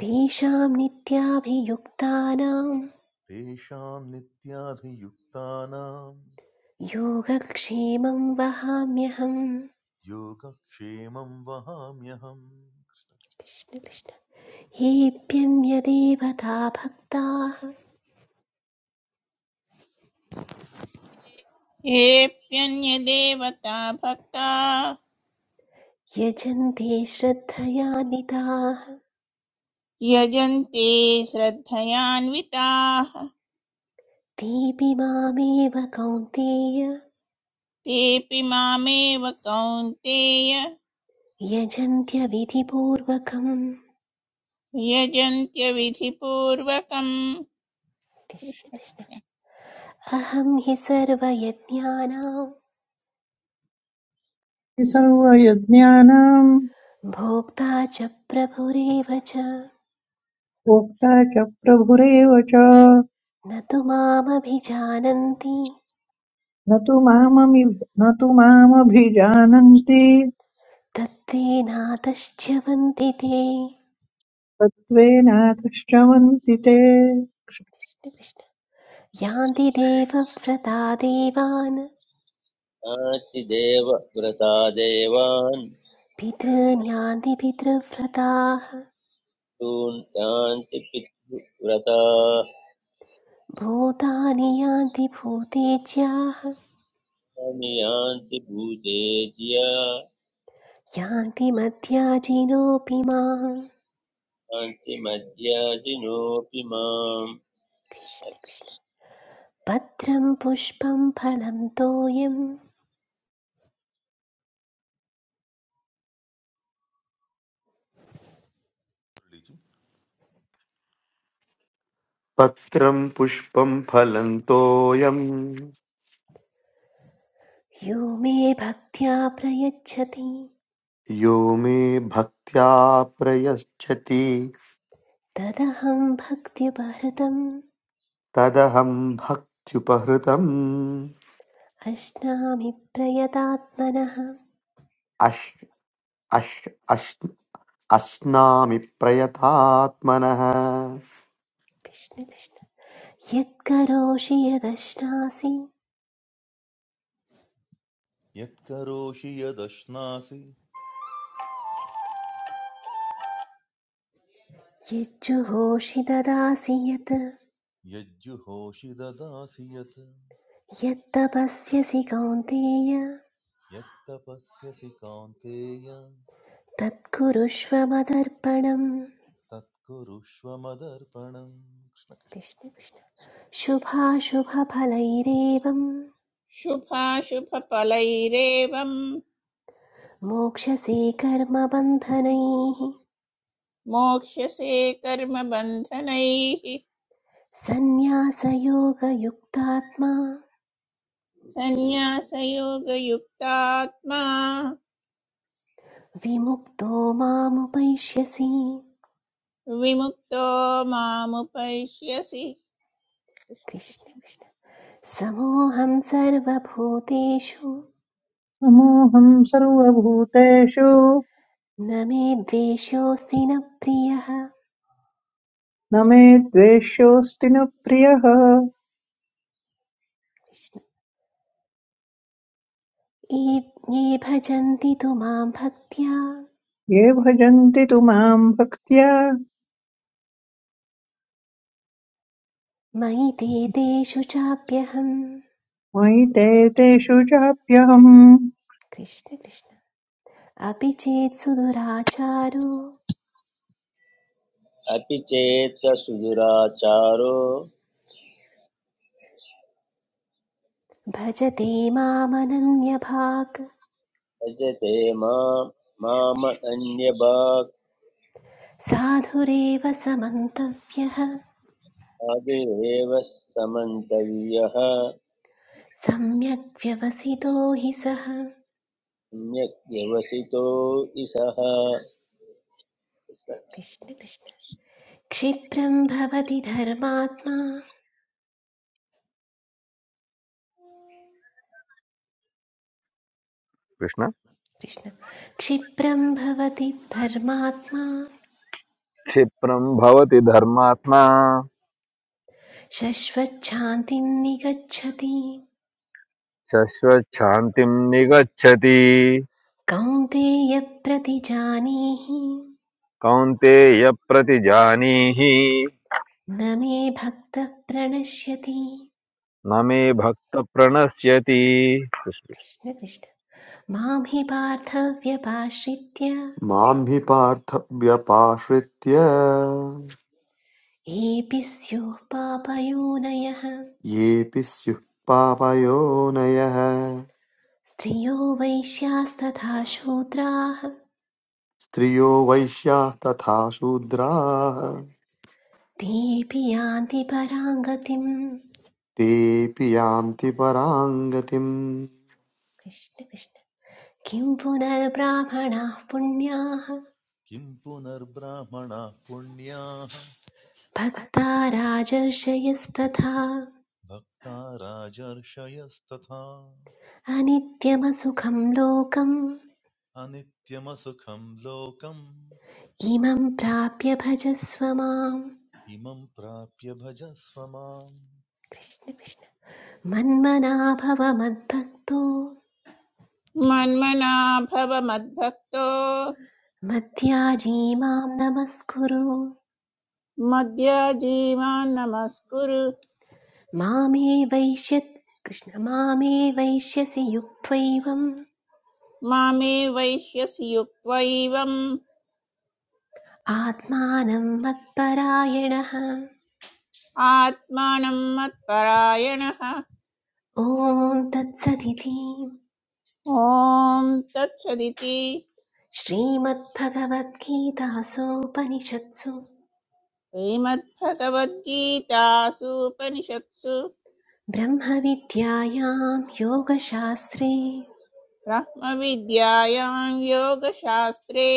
Speaker 7: तेषां नित्याभियुक्तानां
Speaker 1: तेषां नित्याभियुक्तानाम
Speaker 7: योगक्षेमं वहाम्यहम्
Speaker 1: Yoga khemam vaham yam
Speaker 7: Krishna Krishna येऽप्यन्यदेवता भक्ताः
Speaker 5: येऽप्यन्यदेवता भक्ता
Speaker 7: यजन्ते श्रद्धयान्विताः
Speaker 5: यजन्ते श्रद्धयान्विताः
Speaker 7: तेऽपि मामेव कौन्तेय
Speaker 5: तेऽपि मामेव कौन्तेय
Speaker 7: यजन्त्यविधिपूर्वकम्
Speaker 5: यजन्त्यविधिपूर्वकम्
Speaker 7: कृष्ण
Speaker 5: कृष्ण
Speaker 7: कृष्ण
Speaker 5: कृष्ण
Speaker 7: अहं हि सर्वयज्ञानां
Speaker 6: सर्वयज्ञानाम्
Speaker 7: भोक्ता च प्रभुरेव च न
Speaker 6: प्रोक्ता च प्रभुरेव च
Speaker 7: तु मामभिजानन्ति
Speaker 6: न तु माममि न तु मामभिजानन्ति
Speaker 7: तत्त्वेनातश्च्यवन्ति ते
Speaker 6: तत्त्वेनाधिष्ठवन्ति ते
Speaker 7: कृष्ण कृष्ण यान्ति देवव्रता देवान्
Speaker 3: यान्ति देवव्रता देवान्
Speaker 7: पितॄन् यान्ति पितृव्रताः
Speaker 3: तून् यान्ति पितृव्रता
Speaker 7: भूतानि यान्ति भूतेज्याः यान्ति मध्याजिनोऽपि माम्
Speaker 3: कान्तिमध्याजिनोऽपि माम्
Speaker 7: कृष्ण कृष्ण पत्रं पुष्पं फलं तोयं
Speaker 2: पत्रं पुष्पं फलं तोयं
Speaker 7: यो मे भक्त्या प्रयच्छति
Speaker 2: यो मे भक्त्या प्रयच्छति
Speaker 7: तदहं भक्त्युपहृतम्
Speaker 2: तदहं भक्त्युपहृतम्
Speaker 7: अश्नामि प्रयतात्मनः
Speaker 2: अश् अश् अश् अश्नामि प्रयतात्मनः
Speaker 7: कृष्ण कृष्ण यत्करोषि यदश्नासि
Speaker 1: yat karoshiyatashnaasi
Speaker 7: यज्जुहोषि ददासि यत्
Speaker 1: yatjuhoshiyadasiyat
Speaker 7: यत्तपस्यसि Kaunteya
Speaker 1: yattapasyasi kaunteya
Speaker 7: तत्कुरुष्व मदर्पणम्
Speaker 1: tatko rushvamadarpanam
Speaker 7: Krishna Krishna शुभाशुभफलैरेवं
Speaker 5: शुभाशुभफलैरेवम्
Speaker 7: मोक्षसे कर्मबन्धनैः
Speaker 5: मोक्ष्यसे कर्मबन्धनैः
Speaker 7: सन्न्यासयोगयुक्तात्मा
Speaker 5: सन्न्यासयोगयुक्तात्मा
Speaker 7: विमुक्तो मामुपैष्यसि
Speaker 5: विमुक्तो मामुपैष्यसि कृष्ण
Speaker 7: कृष्ण
Speaker 5: कृष्ण।
Speaker 7: कृष्ण समोऽहं सर्वभूतेषु
Speaker 6: समोऽहं सर्वभूतेषु
Speaker 7: न मे द्वेषोऽस्ति न प्रियः कृष्ण
Speaker 6: न मे द्वेष्योऽस्ति न प्रियः
Speaker 7: ये ये भजन्ति तु मां भक्त्या
Speaker 6: ये भजन्ति तु मां भक्त्या
Speaker 7: मयि ते तेषु चाप्यहम्
Speaker 6: मयि ते तेषु चाप्यहम्
Speaker 7: कृष्ण कृष्ण अपि चेत् सुदुराचारो
Speaker 3: अपि चेत् सुदुराचारो
Speaker 7: भजते मामनन्यभाक्
Speaker 3: भजते माम् माम अन्यभाक्
Speaker 7: साधुरेव समन्तव्यः
Speaker 3: आदिरेव समन्तव्यः
Speaker 7: सम्यक् व्यवसितो हि सः
Speaker 3: सम्यक् व्यवसितो इसः
Speaker 7: कृष्ण कृष्ण क्षिप्रं भवति धर्मात्मा
Speaker 8: कृष्ण
Speaker 7: कृष्ण क्षिप्रं भवति धर्मात्मा
Speaker 8: क्षिप्रम् भवति धर्मात्मा
Speaker 7: शश्वच्छान्तिं निगच्छति
Speaker 8: शश्वच्छान्तिं निगच्छति
Speaker 7: कौन्तेयप्रतिजानीहि
Speaker 8: कौन्तेय प्रतिजानीहि
Speaker 7: न मे भक्तः प्रणश्यति
Speaker 8: न मे भक्त प्रणश्यति
Speaker 7: कृष्ण कृष्ण मां हि पार्थव्यपाश्रित्य
Speaker 2: मां हि पार्थ व्यपाश्रित्य
Speaker 7: एऽपि स्युः पापयोनयः
Speaker 2: येऽपि स्युः पापयोनयः
Speaker 7: स्त्रियो वैश्यास्तथा शूद्राः
Speaker 2: स्त्रियो वैश्यास्तथा शूद्राः
Speaker 7: तेऽपि यान्ति पराङ्गतिम्
Speaker 2: तेऽपि यान्ति परां गतिम्
Speaker 7: कृष्ण कृष्ण किं पुनर्ब्राह्मणाः पुण्याः
Speaker 1: kimpunar brahma punya
Speaker 7: भक्ता राजर्षयस्तथा
Speaker 1: bhagta rajar shayastatha
Speaker 7: अनित्यमसुखं लोकम्
Speaker 1: anittyam sukham lokam
Speaker 7: इमं प्राप्य भजस्व माम्
Speaker 1: imam prapya bhaja svama.
Speaker 7: Krishna Krishna मन्मना भव मद्भक्तो
Speaker 5: मन्मना भव मद्भक्तो
Speaker 7: मध्याजी मां नमस्कुरु
Speaker 5: मद्याजीवान् नमस्कुरु
Speaker 7: मामे वैश्य कृष्ण मामे वैश्यसि युक्त्वैवम्
Speaker 5: मामे वैश्यसि युक्त्वा एवम्
Speaker 7: आत्मानं मत्परायणः
Speaker 5: आत्मानं मत्परायणः
Speaker 7: ॐ तत्सदिति
Speaker 5: ॐ तत्सदिति
Speaker 7: श्रीमद्भगवद्गीतासूपनिषत्सु
Speaker 5: श्रीमद्भगवद्गीतासूपनिषत्सु
Speaker 7: ब्रह्मविद्यायां योगशास्त्रे
Speaker 5: ब्रह्मविद्यायां योगशास्त्रे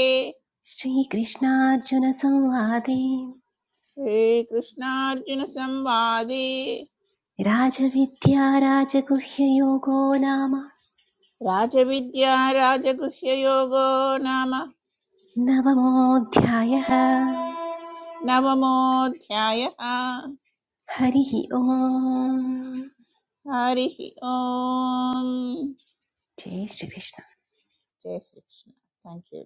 Speaker 7: श्रीकृष्णार्जुनसंवादे
Speaker 5: श्रीकृष्णार्जुनसंवादे
Speaker 7: राजविद्या राजगुह्ययोगो नाम
Speaker 5: राजविद्या राजगुह्ययोगो नाम
Speaker 7: नवमोऽध्यायः
Speaker 5: नवमोऽध्यायः
Speaker 7: हरिः ओम्
Speaker 5: हरिः ओम्
Speaker 7: जय श्रीकृष्ण
Speaker 5: जय Shrikrishna thank you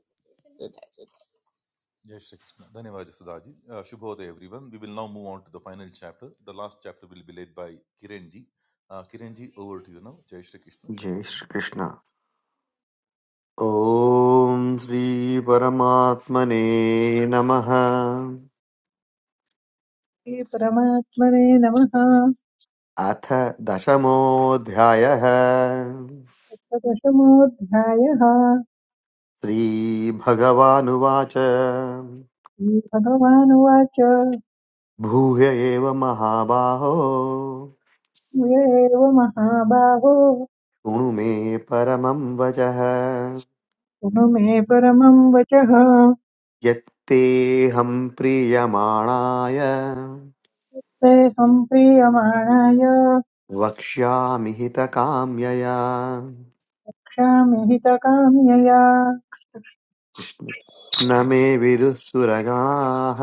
Speaker 1: Jai Shri Krishna. Dhanyavad Sudhaji. Uh, Shubhodaya everyone. We will now move on to the final chapter. The last chapter will be led by Kiranji. Uh, Kiranji, over to you now. Jai Shri Krishna.
Speaker 2: जय
Speaker 1: Shubhodaya.
Speaker 2: Shrikrishna ॐ श्रीपरमात्मने नमः
Speaker 6: हे परमात्मने नमः
Speaker 2: अथ दशमोऽध्यायः
Speaker 6: प्रदशमोऽध्यायः
Speaker 2: श्रीभगवानुवाच
Speaker 6: श्रीभगवानुवाच
Speaker 2: भूय एव महाबाहो
Speaker 6: य एव महाबाहो
Speaker 2: शृणु मे परमं वचः
Speaker 6: शृणु मे परमं वचः
Speaker 2: यत्तेऽहं प्रीयमाणाय
Speaker 6: तेऽहं प्रीयमाणाय
Speaker 2: वक्ष्यामि हितकाम्यया
Speaker 6: क्षामि हितकाम्यया
Speaker 2: कृष्ण न मे विदुः सुरगाः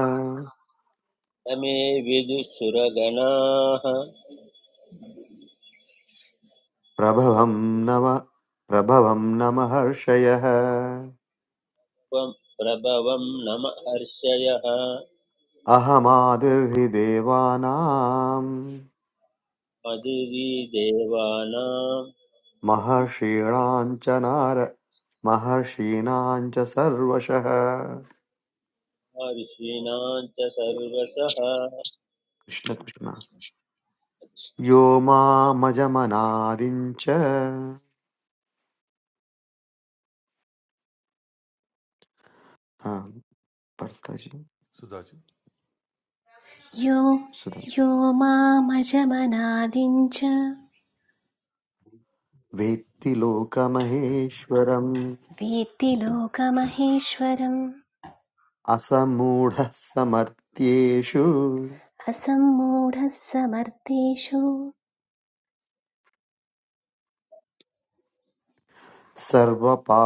Speaker 3: न मे विदुसुरगणाः त्वं
Speaker 2: प्रभवं नव प्रभवं न महर्षयः
Speaker 3: प्रभवं नम हर्षयः
Speaker 2: अहमादिर्हि देवानां
Speaker 3: मदिवी देवानां
Speaker 2: महर्षीणां च नार महर्षीणां च सर्वशः कृष्ण
Speaker 3: ऋषीणां च सर्वसः
Speaker 2: कृष्ण यो मामजमनादिं च आम्, भर्तजी
Speaker 1: Sudhaji.
Speaker 7: यो
Speaker 2: सुधा।
Speaker 7: यो मामजमनादिं च
Speaker 2: वेत्ति लोकमहेश्वरम्
Speaker 7: वेत्ति लोकमहेश्वरम्
Speaker 2: असमूढः समर्थ्येषु
Speaker 7: असम्मूढः समर्थेषु
Speaker 2: सर्वपा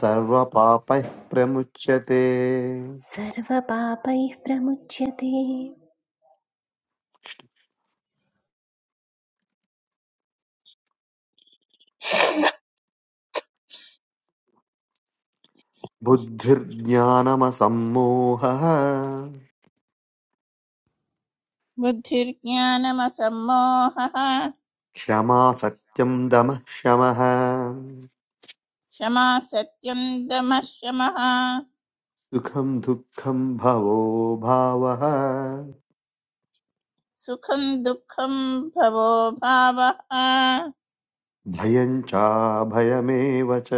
Speaker 2: सर्वपापैः प्रमुच्यते
Speaker 7: सर्वपापैः प्रमुच्यते
Speaker 2: बुद्धिर्ज्ञानमसम्मोहः
Speaker 5: बुद्धिर्ज्ञानमसम्मोहः
Speaker 2: क्षमा सत्यम् दमः शमः
Speaker 5: क्षमा सत्यं दमः शमः
Speaker 2: सुखं दुःखम् भवो भावः
Speaker 5: सुखं दुःखं भवो भावः
Speaker 2: भयम् चाभयमेव च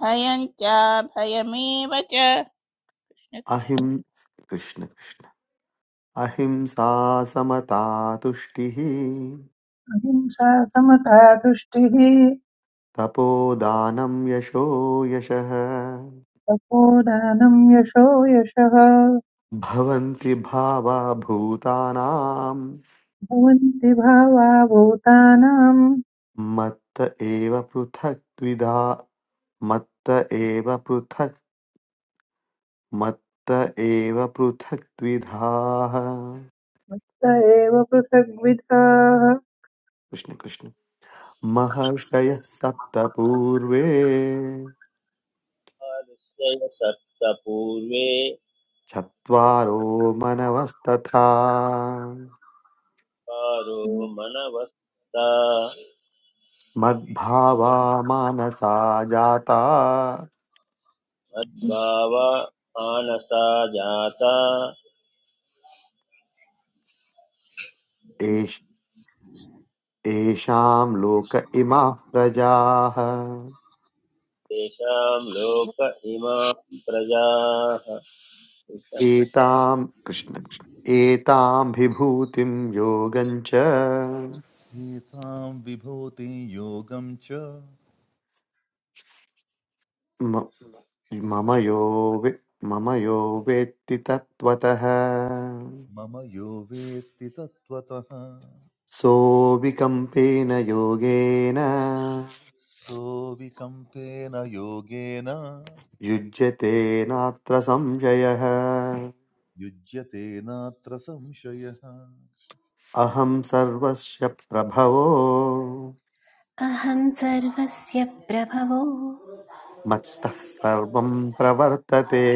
Speaker 5: भयं च भयमेव च
Speaker 2: अहिम् कृष्ण कृष्ण अहिंसा समता तुष्टिः
Speaker 6: अहिंसा समता तुष्टिः
Speaker 2: तपोदानं यशो यशः
Speaker 6: तपोदानं यशो यशः
Speaker 2: भवन्ति भावा भूतानां
Speaker 6: भवन्ति भावा भूतानां
Speaker 2: मत्त एव पृथक्त्विधा मत्त एव पृथक् मत्त एव पृथक्त्विधाः
Speaker 6: त एव पृथग्विधाः
Speaker 2: कृष्ण कृष्ण महर्षयः सप्त पूर्वे
Speaker 3: सप्तपूर्वे
Speaker 2: चत्वारो मनवस्तथा
Speaker 3: पारो मनवस्ता
Speaker 2: मद्भावा मानसा जाता
Speaker 3: मद्भावा मानसा जाता
Speaker 2: एष- एषां लोक इमाः प्रजाः
Speaker 3: तेषां लोक इमां प्रजाः
Speaker 2: एतां कृष्ण कृष्ण एतां विभूतिं योगं च
Speaker 1: Etam vibhoti yogam cha
Speaker 2: म- मम यो वे- मम यो वेत्ति तत्त्वतः
Speaker 1: mama yo vetti tattvataha
Speaker 2: सोऽविकम्पेन योगेन
Speaker 1: so vikampena yogena
Speaker 2: युज्यते नात्र संशयः
Speaker 1: yujyate natra samshayah
Speaker 2: अहं सर्वस्य प्रभवो
Speaker 7: अहं सर्वस्य प्रभवो
Speaker 2: मत्तः सर्वं प्रवर्तते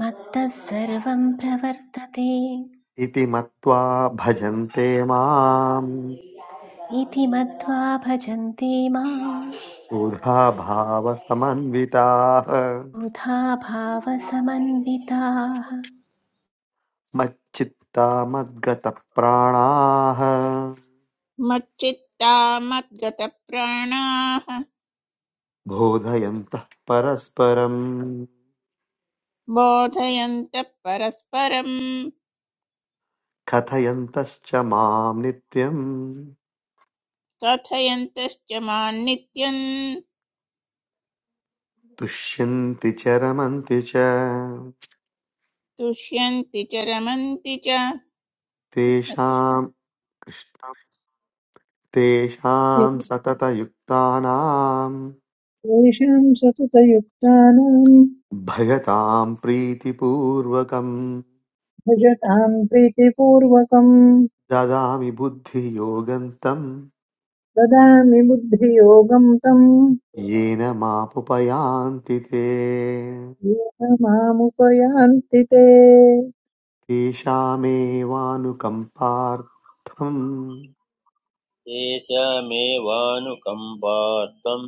Speaker 7: मत्तः सर्वं प्रवर्तते
Speaker 2: इति मत्वा भजन्ते माम्
Speaker 7: इति मत्वा भजन्ते मां
Speaker 2: उधा भावसमन्विताः
Speaker 7: बुधा भावसमन्विताः
Speaker 2: मच्चित्ता मद्गतप्राणाः
Speaker 5: मच्चित्ता मद्गतप्राणाः
Speaker 2: बोधयन्तः परस्परम्
Speaker 5: बोधयन्तः परस्परं
Speaker 2: कथयन्तश्च माम् नित्यम्
Speaker 5: कथयन्तश्च मां नित्यं
Speaker 2: तुष्यन्ति च रमन्ति च
Speaker 5: तुष्यन्ति च रमन्ति च कृष्ण कृष्ण
Speaker 2: तेषाम् तेषाम् सततयुक्तानाम्
Speaker 6: तेषां सततयुक्तानां
Speaker 2: भयताम् प्रीतिपूर्वकम्
Speaker 6: भजतां प्रीतिपूर्वकं
Speaker 2: ददामि बुद्धियोगम् तम्
Speaker 6: ददामि बुद्धियोगं तं
Speaker 2: येन मापुपयान्ति ते
Speaker 6: येन मामुपयान्ति ते
Speaker 2: तेषामेवानुकम्पार्थम्
Speaker 3: तेषामेवानुकम्पार्थम्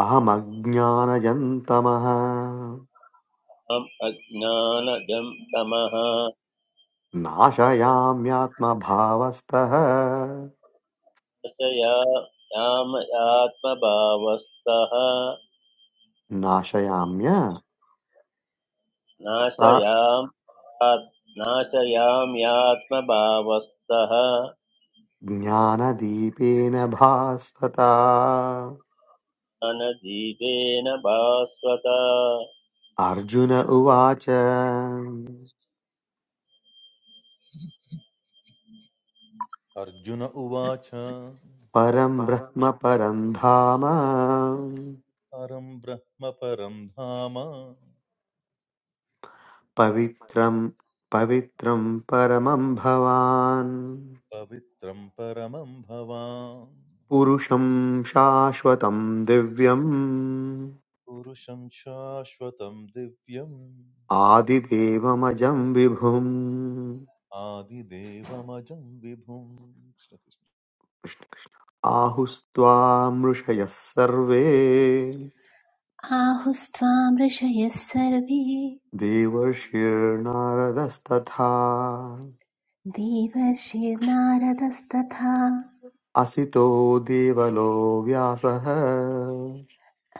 Speaker 2: अहमज्ञानजन्तमः
Speaker 3: अहम् अज्ञानजं तमः
Speaker 2: नाशयाम्यात्मभावस्तः
Speaker 3: नाशया यामयात्मभावस्तः
Speaker 2: नाशयाम्य सा
Speaker 3: नाशयाम् आत्- नाशयाम्यात्मभावस्तः
Speaker 2: ज्ञानदीपेन भास्वता
Speaker 3: ज्ञानदीपेन भास्वत
Speaker 2: अर्जुन उवाच
Speaker 1: Arjuna uvacha
Speaker 2: परं ब्रह्म परं धाम
Speaker 1: param brahma param dhama
Speaker 2: पवित्रं पवित्रं परमं भवान्
Speaker 1: पवित्रं परमं भवाम्
Speaker 2: पुरुषं शाश्वतं दिव्यम्
Speaker 1: पुरुषं शाश्वतं दिव्यम्
Speaker 2: आदिदेवमजं विभुम्
Speaker 1: आदिदेवमजं विभुम्
Speaker 2: आहुस्त्वामृषयः सर्वे
Speaker 7: आहुस्त्वां ऋषयः सर्वे
Speaker 2: देवर्षिर्नारदस्तथा
Speaker 7: देवर्षिर्नारदस्तथा
Speaker 2: असितो देवलो व्यासः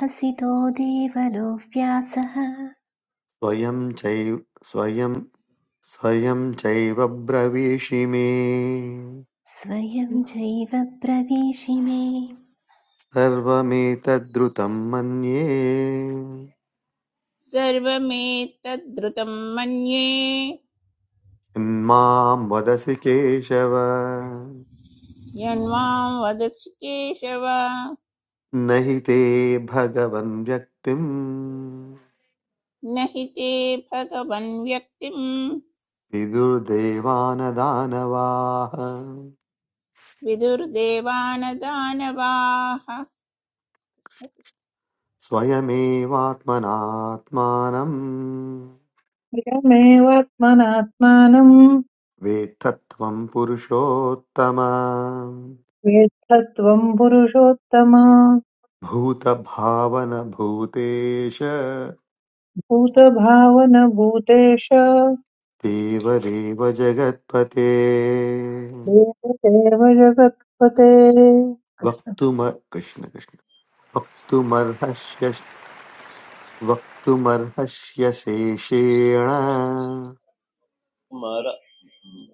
Speaker 7: असितो देवलो व्यासः
Speaker 2: स्वयं चैव स्वयं स्वयं चैव ब्रवीषि मे
Speaker 7: स्वयं चैव प्रवेशिमे
Speaker 2: सर्वमेतद्रुतं मन्ये
Speaker 5: सर्वमेतद्धृतं मन्ये
Speaker 2: किं मां वदसि केशव
Speaker 5: यण्वां वदसि केशव
Speaker 2: न हि ते भगवन् व्यक्तिम्
Speaker 5: न हि ते भगवन् व्यक्तिं
Speaker 2: विदुर्देवानदानवाः
Speaker 5: विदुर्देवानदानवाः
Speaker 2: स्वयमेवात्मनात्मानम्
Speaker 6: स्वयमेवात्मनात्मानम्
Speaker 2: वेत्तत्वं पुरुषोत्तम
Speaker 6: वेत्थत्वम् पुरुषोत्तम
Speaker 2: भूतभावनभूतेश
Speaker 6: भूतभावन भूतेश
Speaker 2: देवदेव जगत्पते
Speaker 6: देवदेव जगत्पते कृष्ण
Speaker 2: वक्तुम कृष्ण कृष्ण वक्तुमर्हस्य वक्तुमर्हस्य शेषेण
Speaker 3: मर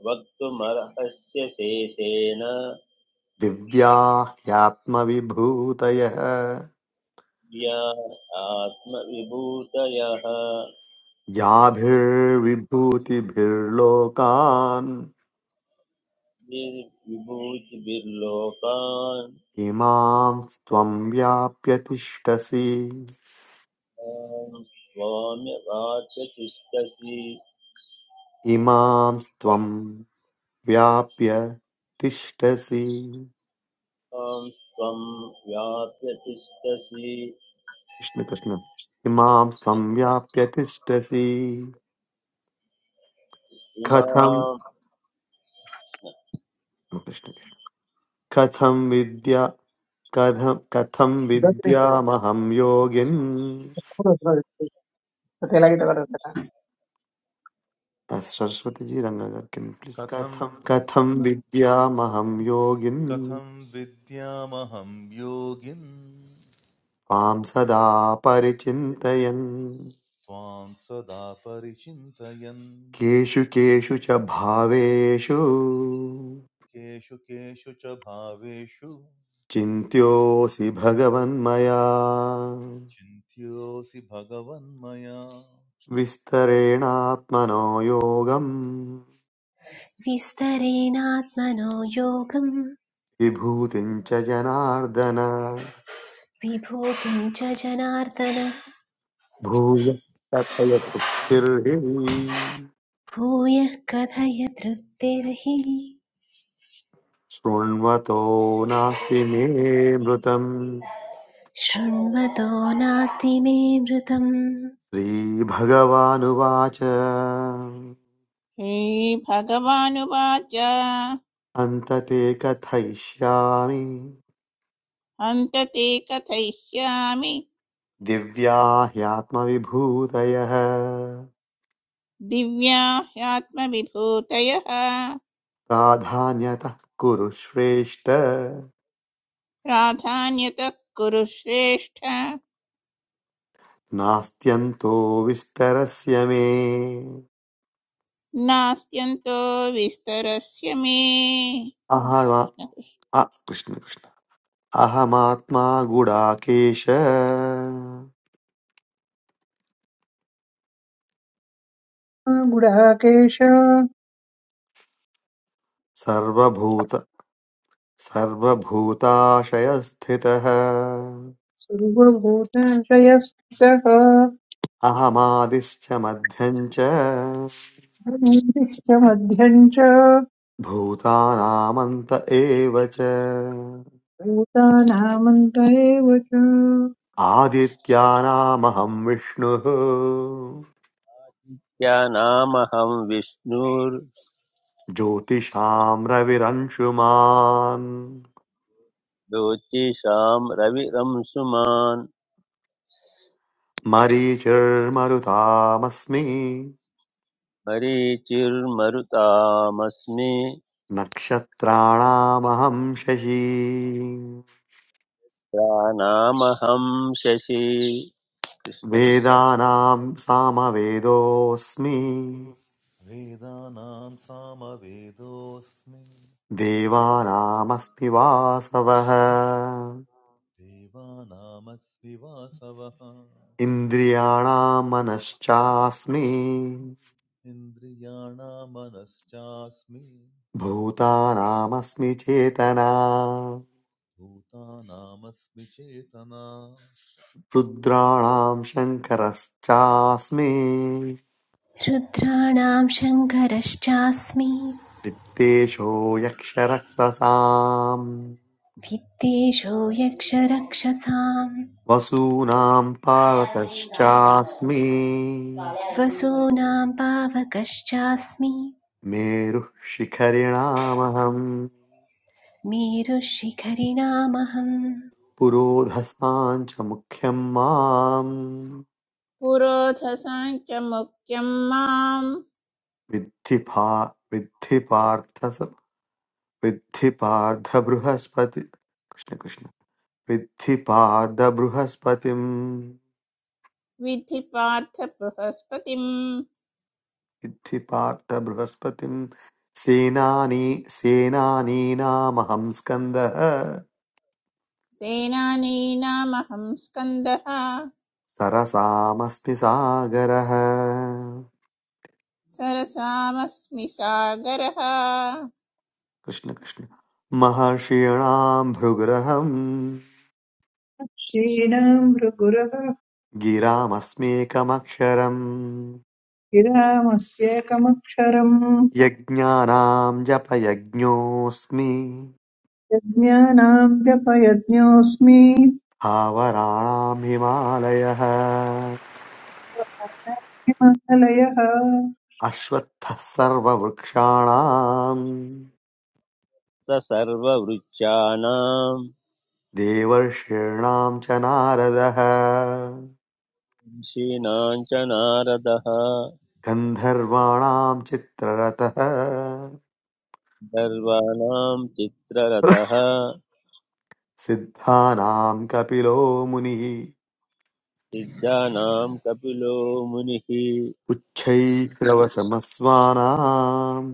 Speaker 3: वक्तुमर्हस्य शेषेण
Speaker 2: दिव्या ह्यात्मविभूतयः
Speaker 3: या आत्मविभूतयः
Speaker 2: याभिर्विभूतिभिर्लोकान्
Speaker 3: विभूतिभिर्लोकान्
Speaker 2: इमां त्वं व्याप्य तिष्ठसि
Speaker 3: त्वां स्वाम्य वाप्य तिष्ठसि
Speaker 2: इमां त्वं व्याप्य तिष्ठसि
Speaker 3: त्वां त्वं स्वं व्याप्य तिष्ठसि
Speaker 2: कृष्ण कृष्ण इमां संव्याप्य तिष्ठसि
Speaker 3: इमां
Speaker 2: कथं कृष्ण कृष्ण। कथं विद्या कथं कथं विद्यामहं योगिन्
Speaker 6: गुडाकेश
Speaker 2: अ, सरस्वतीजी रङ्गकर् किं प्लीस्
Speaker 1: कथं
Speaker 2: कथं विद्यामहं योगिन्
Speaker 1: कथं विद्यामहं योगिन्
Speaker 2: त्वां सदा परिचिन्तयन्
Speaker 1: त्वां सदा परिचिन्तयन्
Speaker 2: केषु केषु च भावेषु
Speaker 1: केषु केषु च भावेषु
Speaker 2: चिन्त्योऽसि भगवन्मया
Speaker 1: चिन्त्योऽसि भगवन्मया
Speaker 2: विस्तरेणात्मनो योगम्
Speaker 7: विस्तरेणात्मनो योगं
Speaker 2: विभूतिम् च जनार्दन
Speaker 7: विभोगं च जनार्दन
Speaker 2: भूय कथय तृप्तिर्हि
Speaker 7: भूयः कथय तृप्तिर्हि
Speaker 2: शृण्वतो नास्ति मे मृतम्
Speaker 7: शृण्वतो नास्ति मे मृतम्
Speaker 2: श्रीभगवानुवाच
Speaker 5: श्रीभगवानुवाच
Speaker 2: अन्तते कथयिष्यामि
Speaker 5: हन्त ते कथयिष्यामि
Speaker 2: दिव्या ह्यात्मविभूतयः
Speaker 5: दिव्या ह्यात्मविभूतयः
Speaker 2: प्राधान्यतः कुरु श्रेष्ठ
Speaker 5: प्राधान्यतः कुरु श्रेष्ठ
Speaker 2: नास्त्यन्तो विस्तरस्य मे
Speaker 5: नास्त्यन्तो विस्तरस्य मे
Speaker 2: अहमा अ- कृष्ण कृष्ण अहमात्मा गुडाकेश सर्वभूत सर्वभूताशयस्थितः
Speaker 6: सर्वभूताशयस्थितः
Speaker 2: अहमादिश्च मध्यम् च
Speaker 6: मध्यम् च
Speaker 2: भूतानामन्त एव च
Speaker 6: भूतानामन्त एव च
Speaker 2: आदित्यानामहं विष्णुः
Speaker 3: या नामहं
Speaker 2: ज्योतिषाम् रविरंशुमान्
Speaker 3: विष्णुर्ज्योतिषां रविरंसुमान्
Speaker 2: मरीचिर्मरुतामस्मि
Speaker 3: मरीचिर्मरुतामस्मि
Speaker 2: नक्षत्राणामहं शशी
Speaker 3: प्राणामहं शशि कृष्ण
Speaker 2: वेदानां सामवेदोऽस्मि
Speaker 1: वेदानां सामवेदोऽस्मि
Speaker 2: देवानामस्मि वासवः
Speaker 1: Deva namas biva savah,
Speaker 2: इन्द्रियाणां मनश्चास्मि
Speaker 1: indriyanamanas chasmi,
Speaker 2: भूतानामस्मि चेतना
Speaker 1: bhuta namas bchetana,
Speaker 2: रुद्राणां शङ्करश्चास्मि
Speaker 7: रुद्राणां शङ्करश्चास्मि
Speaker 2: वित्तेषो यक्षरक्षसाम्
Speaker 7: भित्तेषु यक्षरक्षसाम्
Speaker 2: वसूनाम् पावतश्चास्मि
Speaker 7: वसूनां पावकश्चास्मि
Speaker 2: मेरुः शिखरिणामहम्
Speaker 7: मेरुशिखरिणामहम्
Speaker 2: पुरोधसाम् च मुख्यम् माम्
Speaker 5: पुरोधसाञ्च मुख्यं मां
Speaker 2: विद्धि पा विद्धि पार्थ स- विद्धि पार्थ बृहस्पति कृष्ण कृष्ण विद्धि पार्थ बृहस्पतिम्
Speaker 5: विधि पार्थ बृहस्पतिं
Speaker 2: सिद्धि पार्थ बृहस्पतिम् सेनानी सेनानीनामहं स्कन्दः
Speaker 5: सेनानीनामहं स्कन्दः
Speaker 2: सरसामस्मि सागरः
Speaker 5: सरसामस्मि सागरः
Speaker 2: कृष्ण कृष्ण महर्षीणां भृगृहं
Speaker 6: क्षीणां भृगुरः
Speaker 2: गिरामस्मेकमक्षरम्
Speaker 6: गिरामस्येकमक्षरम्
Speaker 2: यज्ञानां जपयज्ञोऽस्मि
Speaker 6: यज्ञानां व्यपयज्ञोऽस्मि
Speaker 2: स्थावराणां हिमालयः
Speaker 6: हिमालयः
Speaker 2: अश्वत्थः सर्ववृक्षाणाम्
Speaker 3: स सर्ववृक्षाणां
Speaker 2: देवर्षीणां च नारदः
Speaker 3: शीनां च नारदः
Speaker 2: गन्धर्वाणां चित्ररथः
Speaker 3: गर्वाणां चित्ररथः
Speaker 2: सिद्धानां कपिलो मुनिः
Speaker 3: सिद्धानां कपिलो मुनिः Krishna Krishna
Speaker 2: उच्छैश्रवसमस्वानां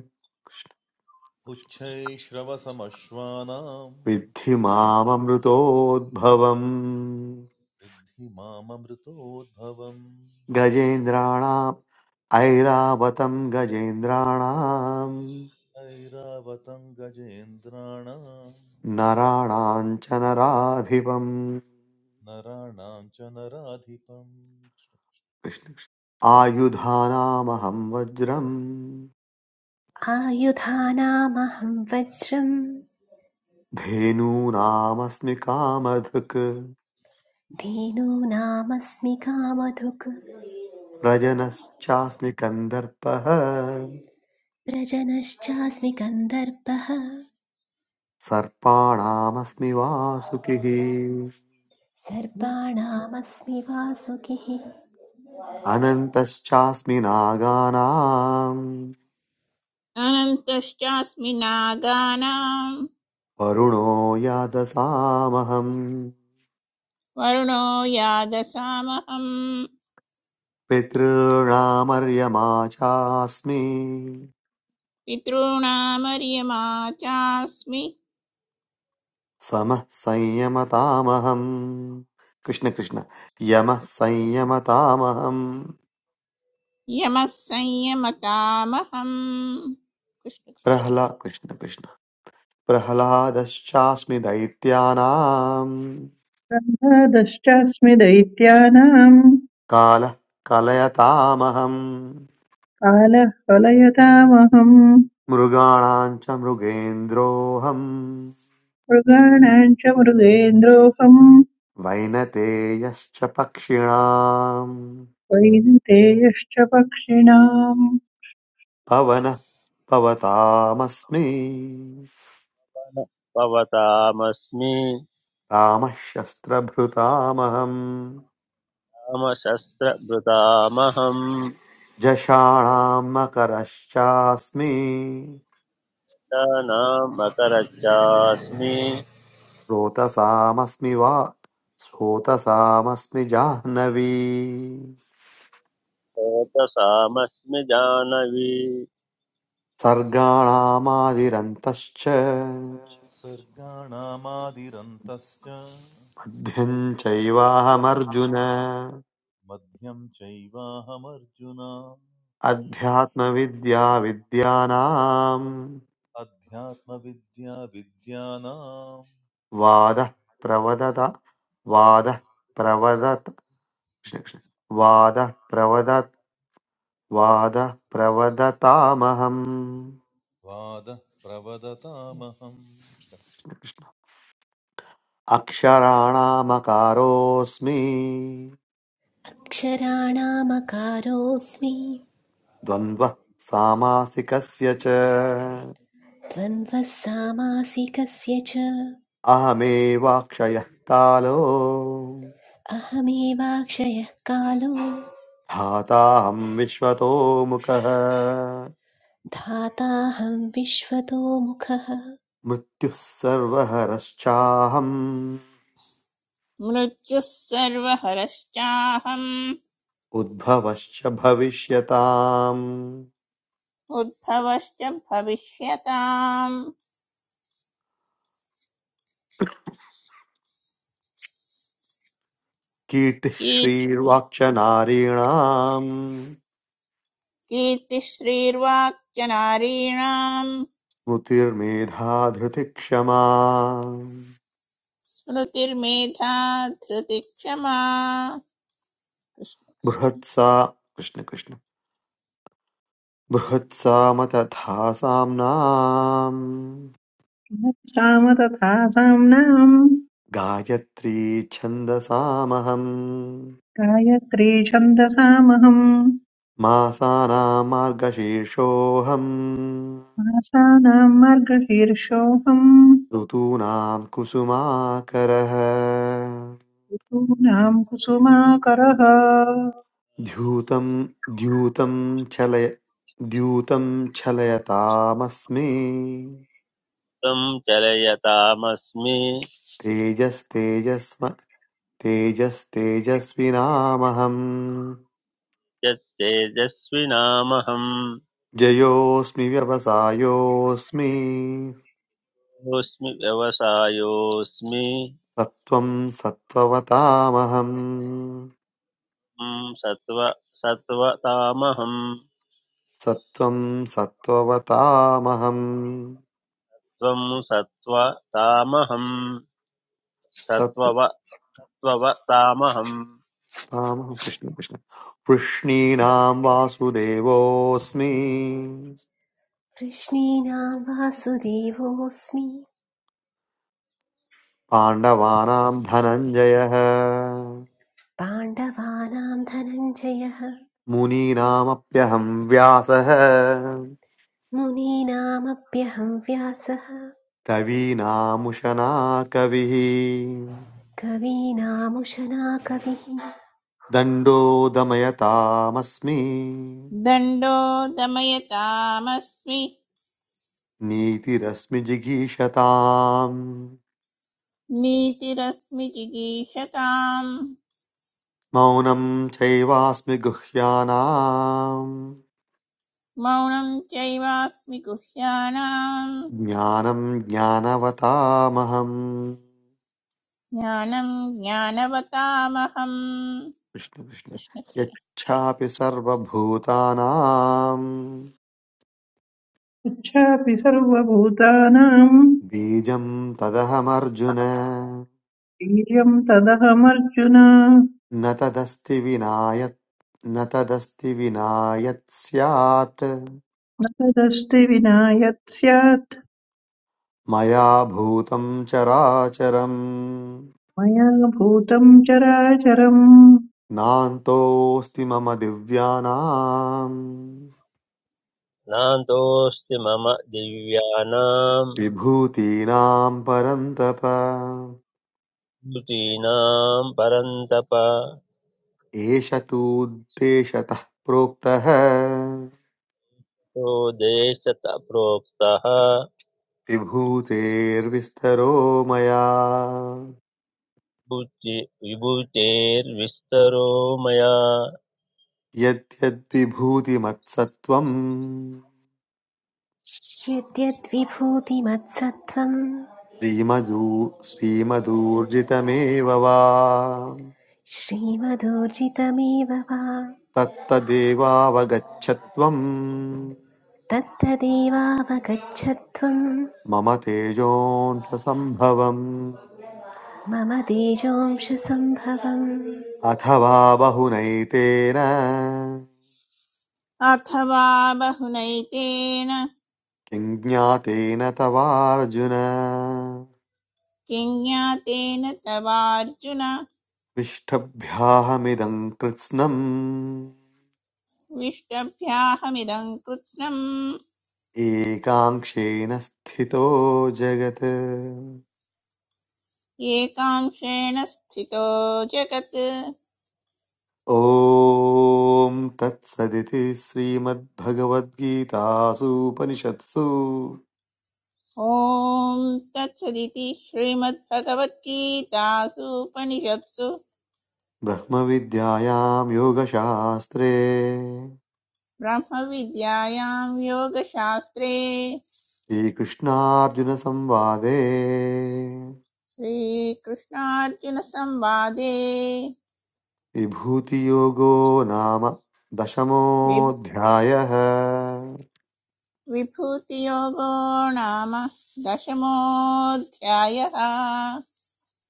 Speaker 1: uchchayi shrava samshvana,
Speaker 2: विद्धि माममृतोद्भवम्
Speaker 1: vidhi maambrto dhavam,
Speaker 2: गजेन्द्राणाम् ऐरावतं गजेन्द्राणां
Speaker 1: ayra vatangajendra na,
Speaker 2: नराणां च नराधिपम्
Speaker 1: narana chana radhipam,
Speaker 2: Krishna Krishna. आयुधानामहं वज्रम्
Speaker 7: आयुधानामहं वज्रम्
Speaker 2: धेनूनामस्मि कामधुक्
Speaker 7: धेनूनामस्मि कामधुक्
Speaker 2: व्रजनश्चास्मि कन्दर्पः
Speaker 7: व्रजनश्चास्मि गन्धर्वः
Speaker 2: सर्पाणामस्मि वासुकिः
Speaker 7: सर्पाणामस्मि वासुकिः
Speaker 2: अनन्तश्चास्मि नागानाम्
Speaker 5: अनन्तश्चास्मि नागानां
Speaker 2: वरुणो यादसामहम्
Speaker 5: वरुणो यादसामहम्
Speaker 2: पितॄणामर्यमा चास्मि
Speaker 5: पितॄणामर्यमा चास्मि
Speaker 2: समः संयमतामहम् कृष्ण कृष्ण यमः संयमतामहम्
Speaker 5: यमः संयमतामहम् कृष्ण कृष्ण।
Speaker 2: प्रह्ला कृष्ण कृष्ण प्रह्लादश्चास्मि दैत्यानाम्
Speaker 6: रन्ध्रदश्चास्मि दैत्यानां
Speaker 2: कालः कलयतामहम्
Speaker 6: कालः कलयतामहम्
Speaker 2: मृगाणां च मृगेन्द्रोऽहम्
Speaker 6: मृगाणां च मृगेन्द्रोऽहम्
Speaker 2: वैनतेयश्च पक्षिणाम्
Speaker 6: वैनतेयश्च पक्षिणाम्
Speaker 2: पवनः पवतामस्मि
Speaker 3: भवतामस्मि
Speaker 2: रामः शस्त्रभृतामहम्
Speaker 3: रामशस्त्रभृतामहं
Speaker 2: जषाणाम् मकरश्चास्मि
Speaker 3: नाम मकरच्चास्मि
Speaker 2: स्रोतसामस्मि वा स्रोतसामस्मि जाह्नवी
Speaker 3: श्रोतसामस्मि जानवी
Speaker 2: सर्गाणामादिरन्तश्च
Speaker 1: surga namadi rantascha,
Speaker 2: मध्यं चैवाहमर्जुन
Speaker 1: madhyam chayva hamarjuna.
Speaker 2: अध्यात्मविद्या विद्यानाम्
Speaker 1: अध्यात्मविद्या विद्यानां
Speaker 2: वादः प्रवदत वादः प्रवदत कृष्ण कृष्ण वादः प्रवदत वादः प्रवदतामहम्
Speaker 1: वादः प्रवदतामहम्
Speaker 2: कृष्ण कृष्ण। अक्षराणामकारोऽस्मि
Speaker 7: अक्षराणामकारोऽस्मि
Speaker 2: द्वन्द्वः सामासिकस्य च
Speaker 7: द्वन्द्वः सामासिकस्य च
Speaker 2: अहमेवाक्षयः कालो
Speaker 7: अहमेवाक्षयः कालो
Speaker 2: धाताहं विश्वतो मुखः
Speaker 7: धाताहं विश्वतो मुखः
Speaker 2: मृत्युः सर्वहरश्चाहम्
Speaker 5: मृत्युः सर्वहरश्चाहम्
Speaker 2: उद्भवश्च भविष्यताम्
Speaker 5: उद्भवश्च भविष्यताम्
Speaker 2: कीर्तिः
Speaker 5: कीर्ति
Speaker 2: श्रीर्वाक्च नारीणाम्
Speaker 5: कीर्तिश्रीर्वाक्च नारीणाम्
Speaker 2: स्मृतिर्मेधा धृतिक्षमा
Speaker 5: स्मृतिर्मेधा धृतिः क्षमा कृष्ण कृष्ण
Speaker 2: बृहत्सा कृष्ण कृष्ण बृहत्सामतथा साम्नाम्
Speaker 6: साम तथा साम्नां
Speaker 2: गायत्री छन्दसामहम्
Speaker 6: गायत्री छन्दसामहम्
Speaker 2: मासानां मार्गशीर्षोऽहम्
Speaker 6: आसानां मार्गशीर्षोऽहम्
Speaker 2: ऋतूनां कुसुमाकरः
Speaker 6: यूनां कुसुमाकरः
Speaker 2: द्यूतं द्यूतं चलय द्यूतं चलयतामस्मि
Speaker 3: त्वं चलयतामस्मि
Speaker 2: तेजस्तेजस्म तेजस्तेजस्विनामहम्
Speaker 3: यत्तेजस्विनामहं
Speaker 2: जयोऽस्मि व्यवसायोऽस्मि
Speaker 3: योऽस्मि व्यवसायोऽस्मि
Speaker 2: सत्त्वं सत्त्ववतामहम्
Speaker 3: त्वं सत्त्व सत्त्वतामहं
Speaker 2: सत्त्वं सत्त्ववतामहं
Speaker 3: त्वं सत्त्वतामहं सत्त्वव त्ववतामहं
Speaker 2: सत्त्वतामहं कृष्ण कृष्ण वृष्णीनां वासुदेवोऽस्मि
Speaker 7: कृष्णीनां वासुदेवोऽस्मि
Speaker 2: पाण्डवानां धनञ्जयः
Speaker 7: पाण्डवानां धनञ्जयः
Speaker 2: मुनीनामप्यहं व्यासः
Speaker 7: मुनीनामप्यहं व्यासः
Speaker 2: कवीनामुशना कविः
Speaker 7: कवीनामुशना कविः
Speaker 2: दण्डो दमयतामस्मि
Speaker 5: दण्डो दमयतामस्मि
Speaker 2: नीतिरस्मि जिगीषताम्
Speaker 5: नीतिरस्मि जिगीषताम्
Speaker 2: मौनं चैवास्मि गुह्यानाम्
Speaker 5: मौनं चैवास्मि गुह्यानाम्
Speaker 2: ज्ञानं ज्ञानवतामहम्
Speaker 5: ज्ञानं ज्ञानवतामहम्
Speaker 2: कृष्ण कृष्ण
Speaker 5: कृष्ण कृष्ण
Speaker 2: यच्छापि सर्वभूतानां
Speaker 6: पुच्छापि सर्वभूतानां
Speaker 2: बीजं तदहमर्जुन
Speaker 6: वीर्यं तदहमर्जुन
Speaker 2: न तदस्ति विनायत् न तदस्ति विना यत् स्यात्
Speaker 6: न तदस्ति विना यत् स्यात्
Speaker 2: मया भूतं चराचरम्
Speaker 6: मया भूतं चराचरम्
Speaker 2: नान्तोऽस्ति मम दिव्यानाम्
Speaker 3: नान्तोऽस्ति मम दिव्यानां
Speaker 2: विभूतीनां परन्तप
Speaker 3: यूतीनां परन्तप
Speaker 2: एष तूद्देशतः प्रोक्तः
Speaker 3: तो देशत प्रोक्तः
Speaker 2: विभूतेर्विस्तरो मया
Speaker 3: बुद्धि विभूतेर्विस्तरो मया
Speaker 2: यद्यद्विभूतिमत्सत्त्वम्
Speaker 7: यद्यद्विभूतिमत्सत्त्वं
Speaker 2: श्रीमजू श्रीमदूर्जितमेव वा
Speaker 7: श्रीमदोर्जितमेव वा
Speaker 2: तत्तदेवावगच्छत्वम्
Speaker 7: Tat tadiva vagacchatum
Speaker 2: मम तेजोऽंससम्भवम्
Speaker 7: mama dijom shasamhavam.
Speaker 2: अथवा बहुनैतेन
Speaker 5: अथवा बहुनैतेन
Speaker 2: किं ज्ञातेन तवार्जुन
Speaker 5: किं ज्ञातेन तवार्जुन
Speaker 2: पृष्ठभ्याहमिदं कृत्स्नम्
Speaker 5: विष्टभ्याहमिदं कृत्स्नम्
Speaker 2: एकाङ्क्षेण स्थितो जगत्
Speaker 5: एकांशेण स्थितो जगत्
Speaker 2: ॐ तत्सदिति श्रीमद्भगवद्गीतासूपनिषत्सु
Speaker 5: ॐ तत्सदिति श्रीमद्भगवद्गीतासूपनिषत्सु
Speaker 2: ब्रह्मविद्यायां योगशास्त्रे
Speaker 5: ब्रह्मविद्यायां योगशास्त्रे
Speaker 2: श्रीकृष्णार्जुनसंवादे
Speaker 5: श्रीकृष्णार्जुनसंवादे
Speaker 2: विभूतियोगो नाम
Speaker 5: विभ्र
Speaker 2: दशमोऽध्यायः
Speaker 5: विभूतियोगो नाम दशमोऽध्यायः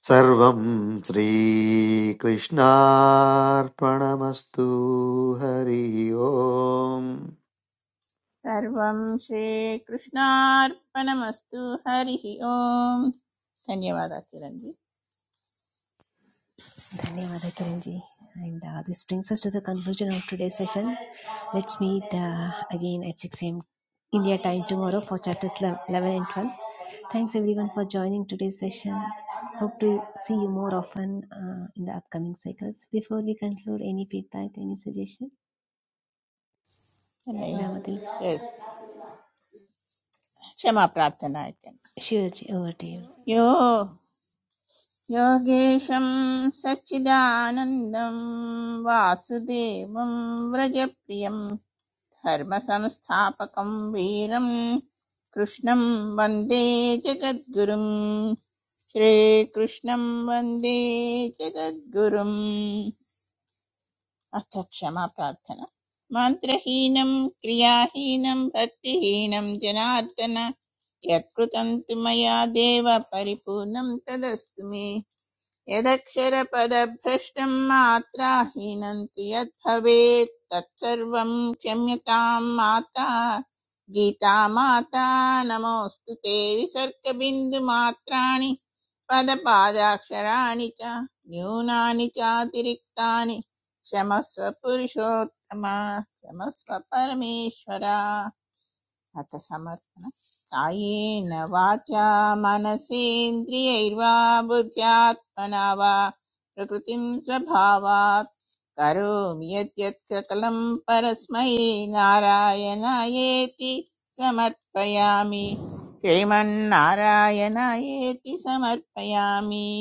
Speaker 2: सर्वं श्रीकृष्णार्पणमस्तु हरि ओम्
Speaker 5: सर्वं श्रीकृष्णार्पणमस्तु हरिः ओम् धन्यवादः किरण जी
Speaker 7: Thank you, Madhukiranji. And that brings us to the conclusion of today's session. Let's meet uh, again at 6 a.m. India time tomorrow for chapters 11 and 1. Thanks everyone for joining today's session. Hope to see you more often uh, in the upcoming cycles. Before we conclude, any feedback, any suggestion?
Speaker 5: नहीं
Speaker 7: Madhukiran.
Speaker 5: ए, क्षमा प्रार्थना इत्यन्त।
Speaker 7: Sure, Jee. Over to you.
Speaker 5: यो योगेशं सच्चिदानन्दं वासुदेवं व्रजप्रियं धर्मसंस्थापकं वीरं कृष्णं वन्दे जगद्गुरुं श्रीकृष्णं वन्दे जगद्गुरुम् अथ क्षमा प्रार्थना मन्त्रहीनं क्रियाहीनं भक्तिहीनं जनार्दन यत्कृतं तु मया देव परिपूर्णं तदस्तु मे यदक्षरपदभ्रष्टं मात्राहीनन्ति यद्भवेत् तत्सर्वं क्षम्यतां माता गीता माता नमोऽस्तु ते विसर्गबिन्दुमात्राणि पदपादाक्षराणि च न्यूनानि चातिरिक्तानि क्षमस्व पुरुषोत्तम क्षमस्व परमेश्वर अथ समर्पण कायेन वाचा मनसेन्द्रियैर्वा बुद्ध्यात्मना वा प्रकृतिं स्वभावात् करोमि यद्यत्ककलं परस्मै नारायणायेति समर्पयामि श्रीमन्नारायणायेति समर्पयामि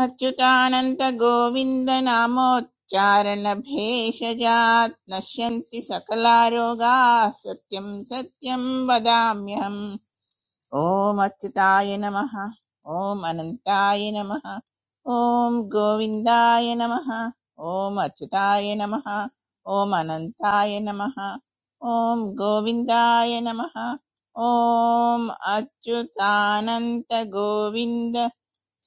Speaker 5: अच्युतानन्तगोविन्दनामोच्चारणभेषजात् नश्यन्ति सकला रोगाः सत्यं सत्यं वदाम्यहम् ॐ अच्युताय नमः ॐ अनन्ताय नमः ॐ गोविन्दाय नमः ॐ अच्युताय नमः ॐ अनन्ताय नमः ॐ गोविन्दाय नमः ॐ अच्युतानन्त गोविन्द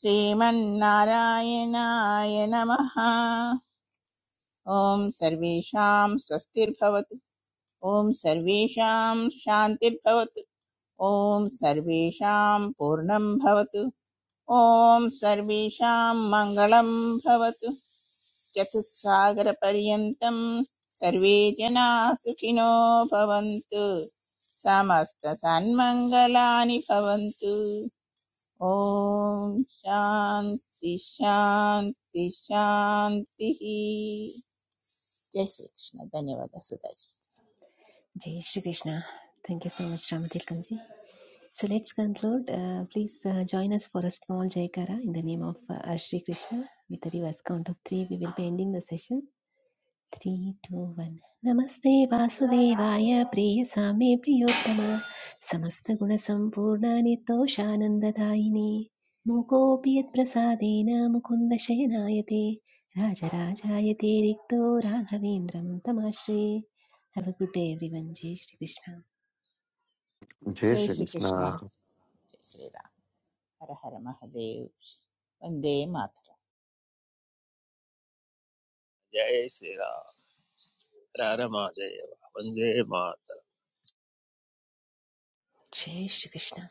Speaker 5: श्रीमन्नारायणाय नमः ॐ सर्वेषां स्वस्तिर्भवतु ॐ सर्वेषां शान्तिर्भवतु ॐ सर्वेषां पूर्णं भवतु ॐ सर्वेषां मङ्गलं भवतु चतुस्सागरपर्यन्तं सर्वे जनाः सुखिनो भवन्तु समस्तसन्मङ्गलानि भवन्तु ॐ शान्ति शान्ति शान्तिः जय श्रीकृष्ण धन्यवादः सुधाजी
Speaker 7: Jee Shri Krishna. Thank you so much, Madhukiranji. So let's conclude. Uh, please uh, join us for a small Jaikara in the name of uh, our Shri Krishna. With the reverse count of three, we will be ending the session. Three, two, one. Namaste Vasudevaya Priya Same Priyottama Samasta Guna Sampurna Nitoshanandadayini Mukopi Yat Prasadena Mukunda Shayanayate Rajarajayate Rikto Raghavendram Tamasre Have a good day everyone. Jai Shri Krishna.
Speaker 2: जय
Speaker 5: जय श्रीकृष्ण
Speaker 2: श्रीकृष्ण
Speaker 5: जय श्रीराम हर हर महदेव वन्दे मातरम्
Speaker 3: जय श्री राम राम महादेव वंदे मातरम
Speaker 7: Jai Shri Krishna.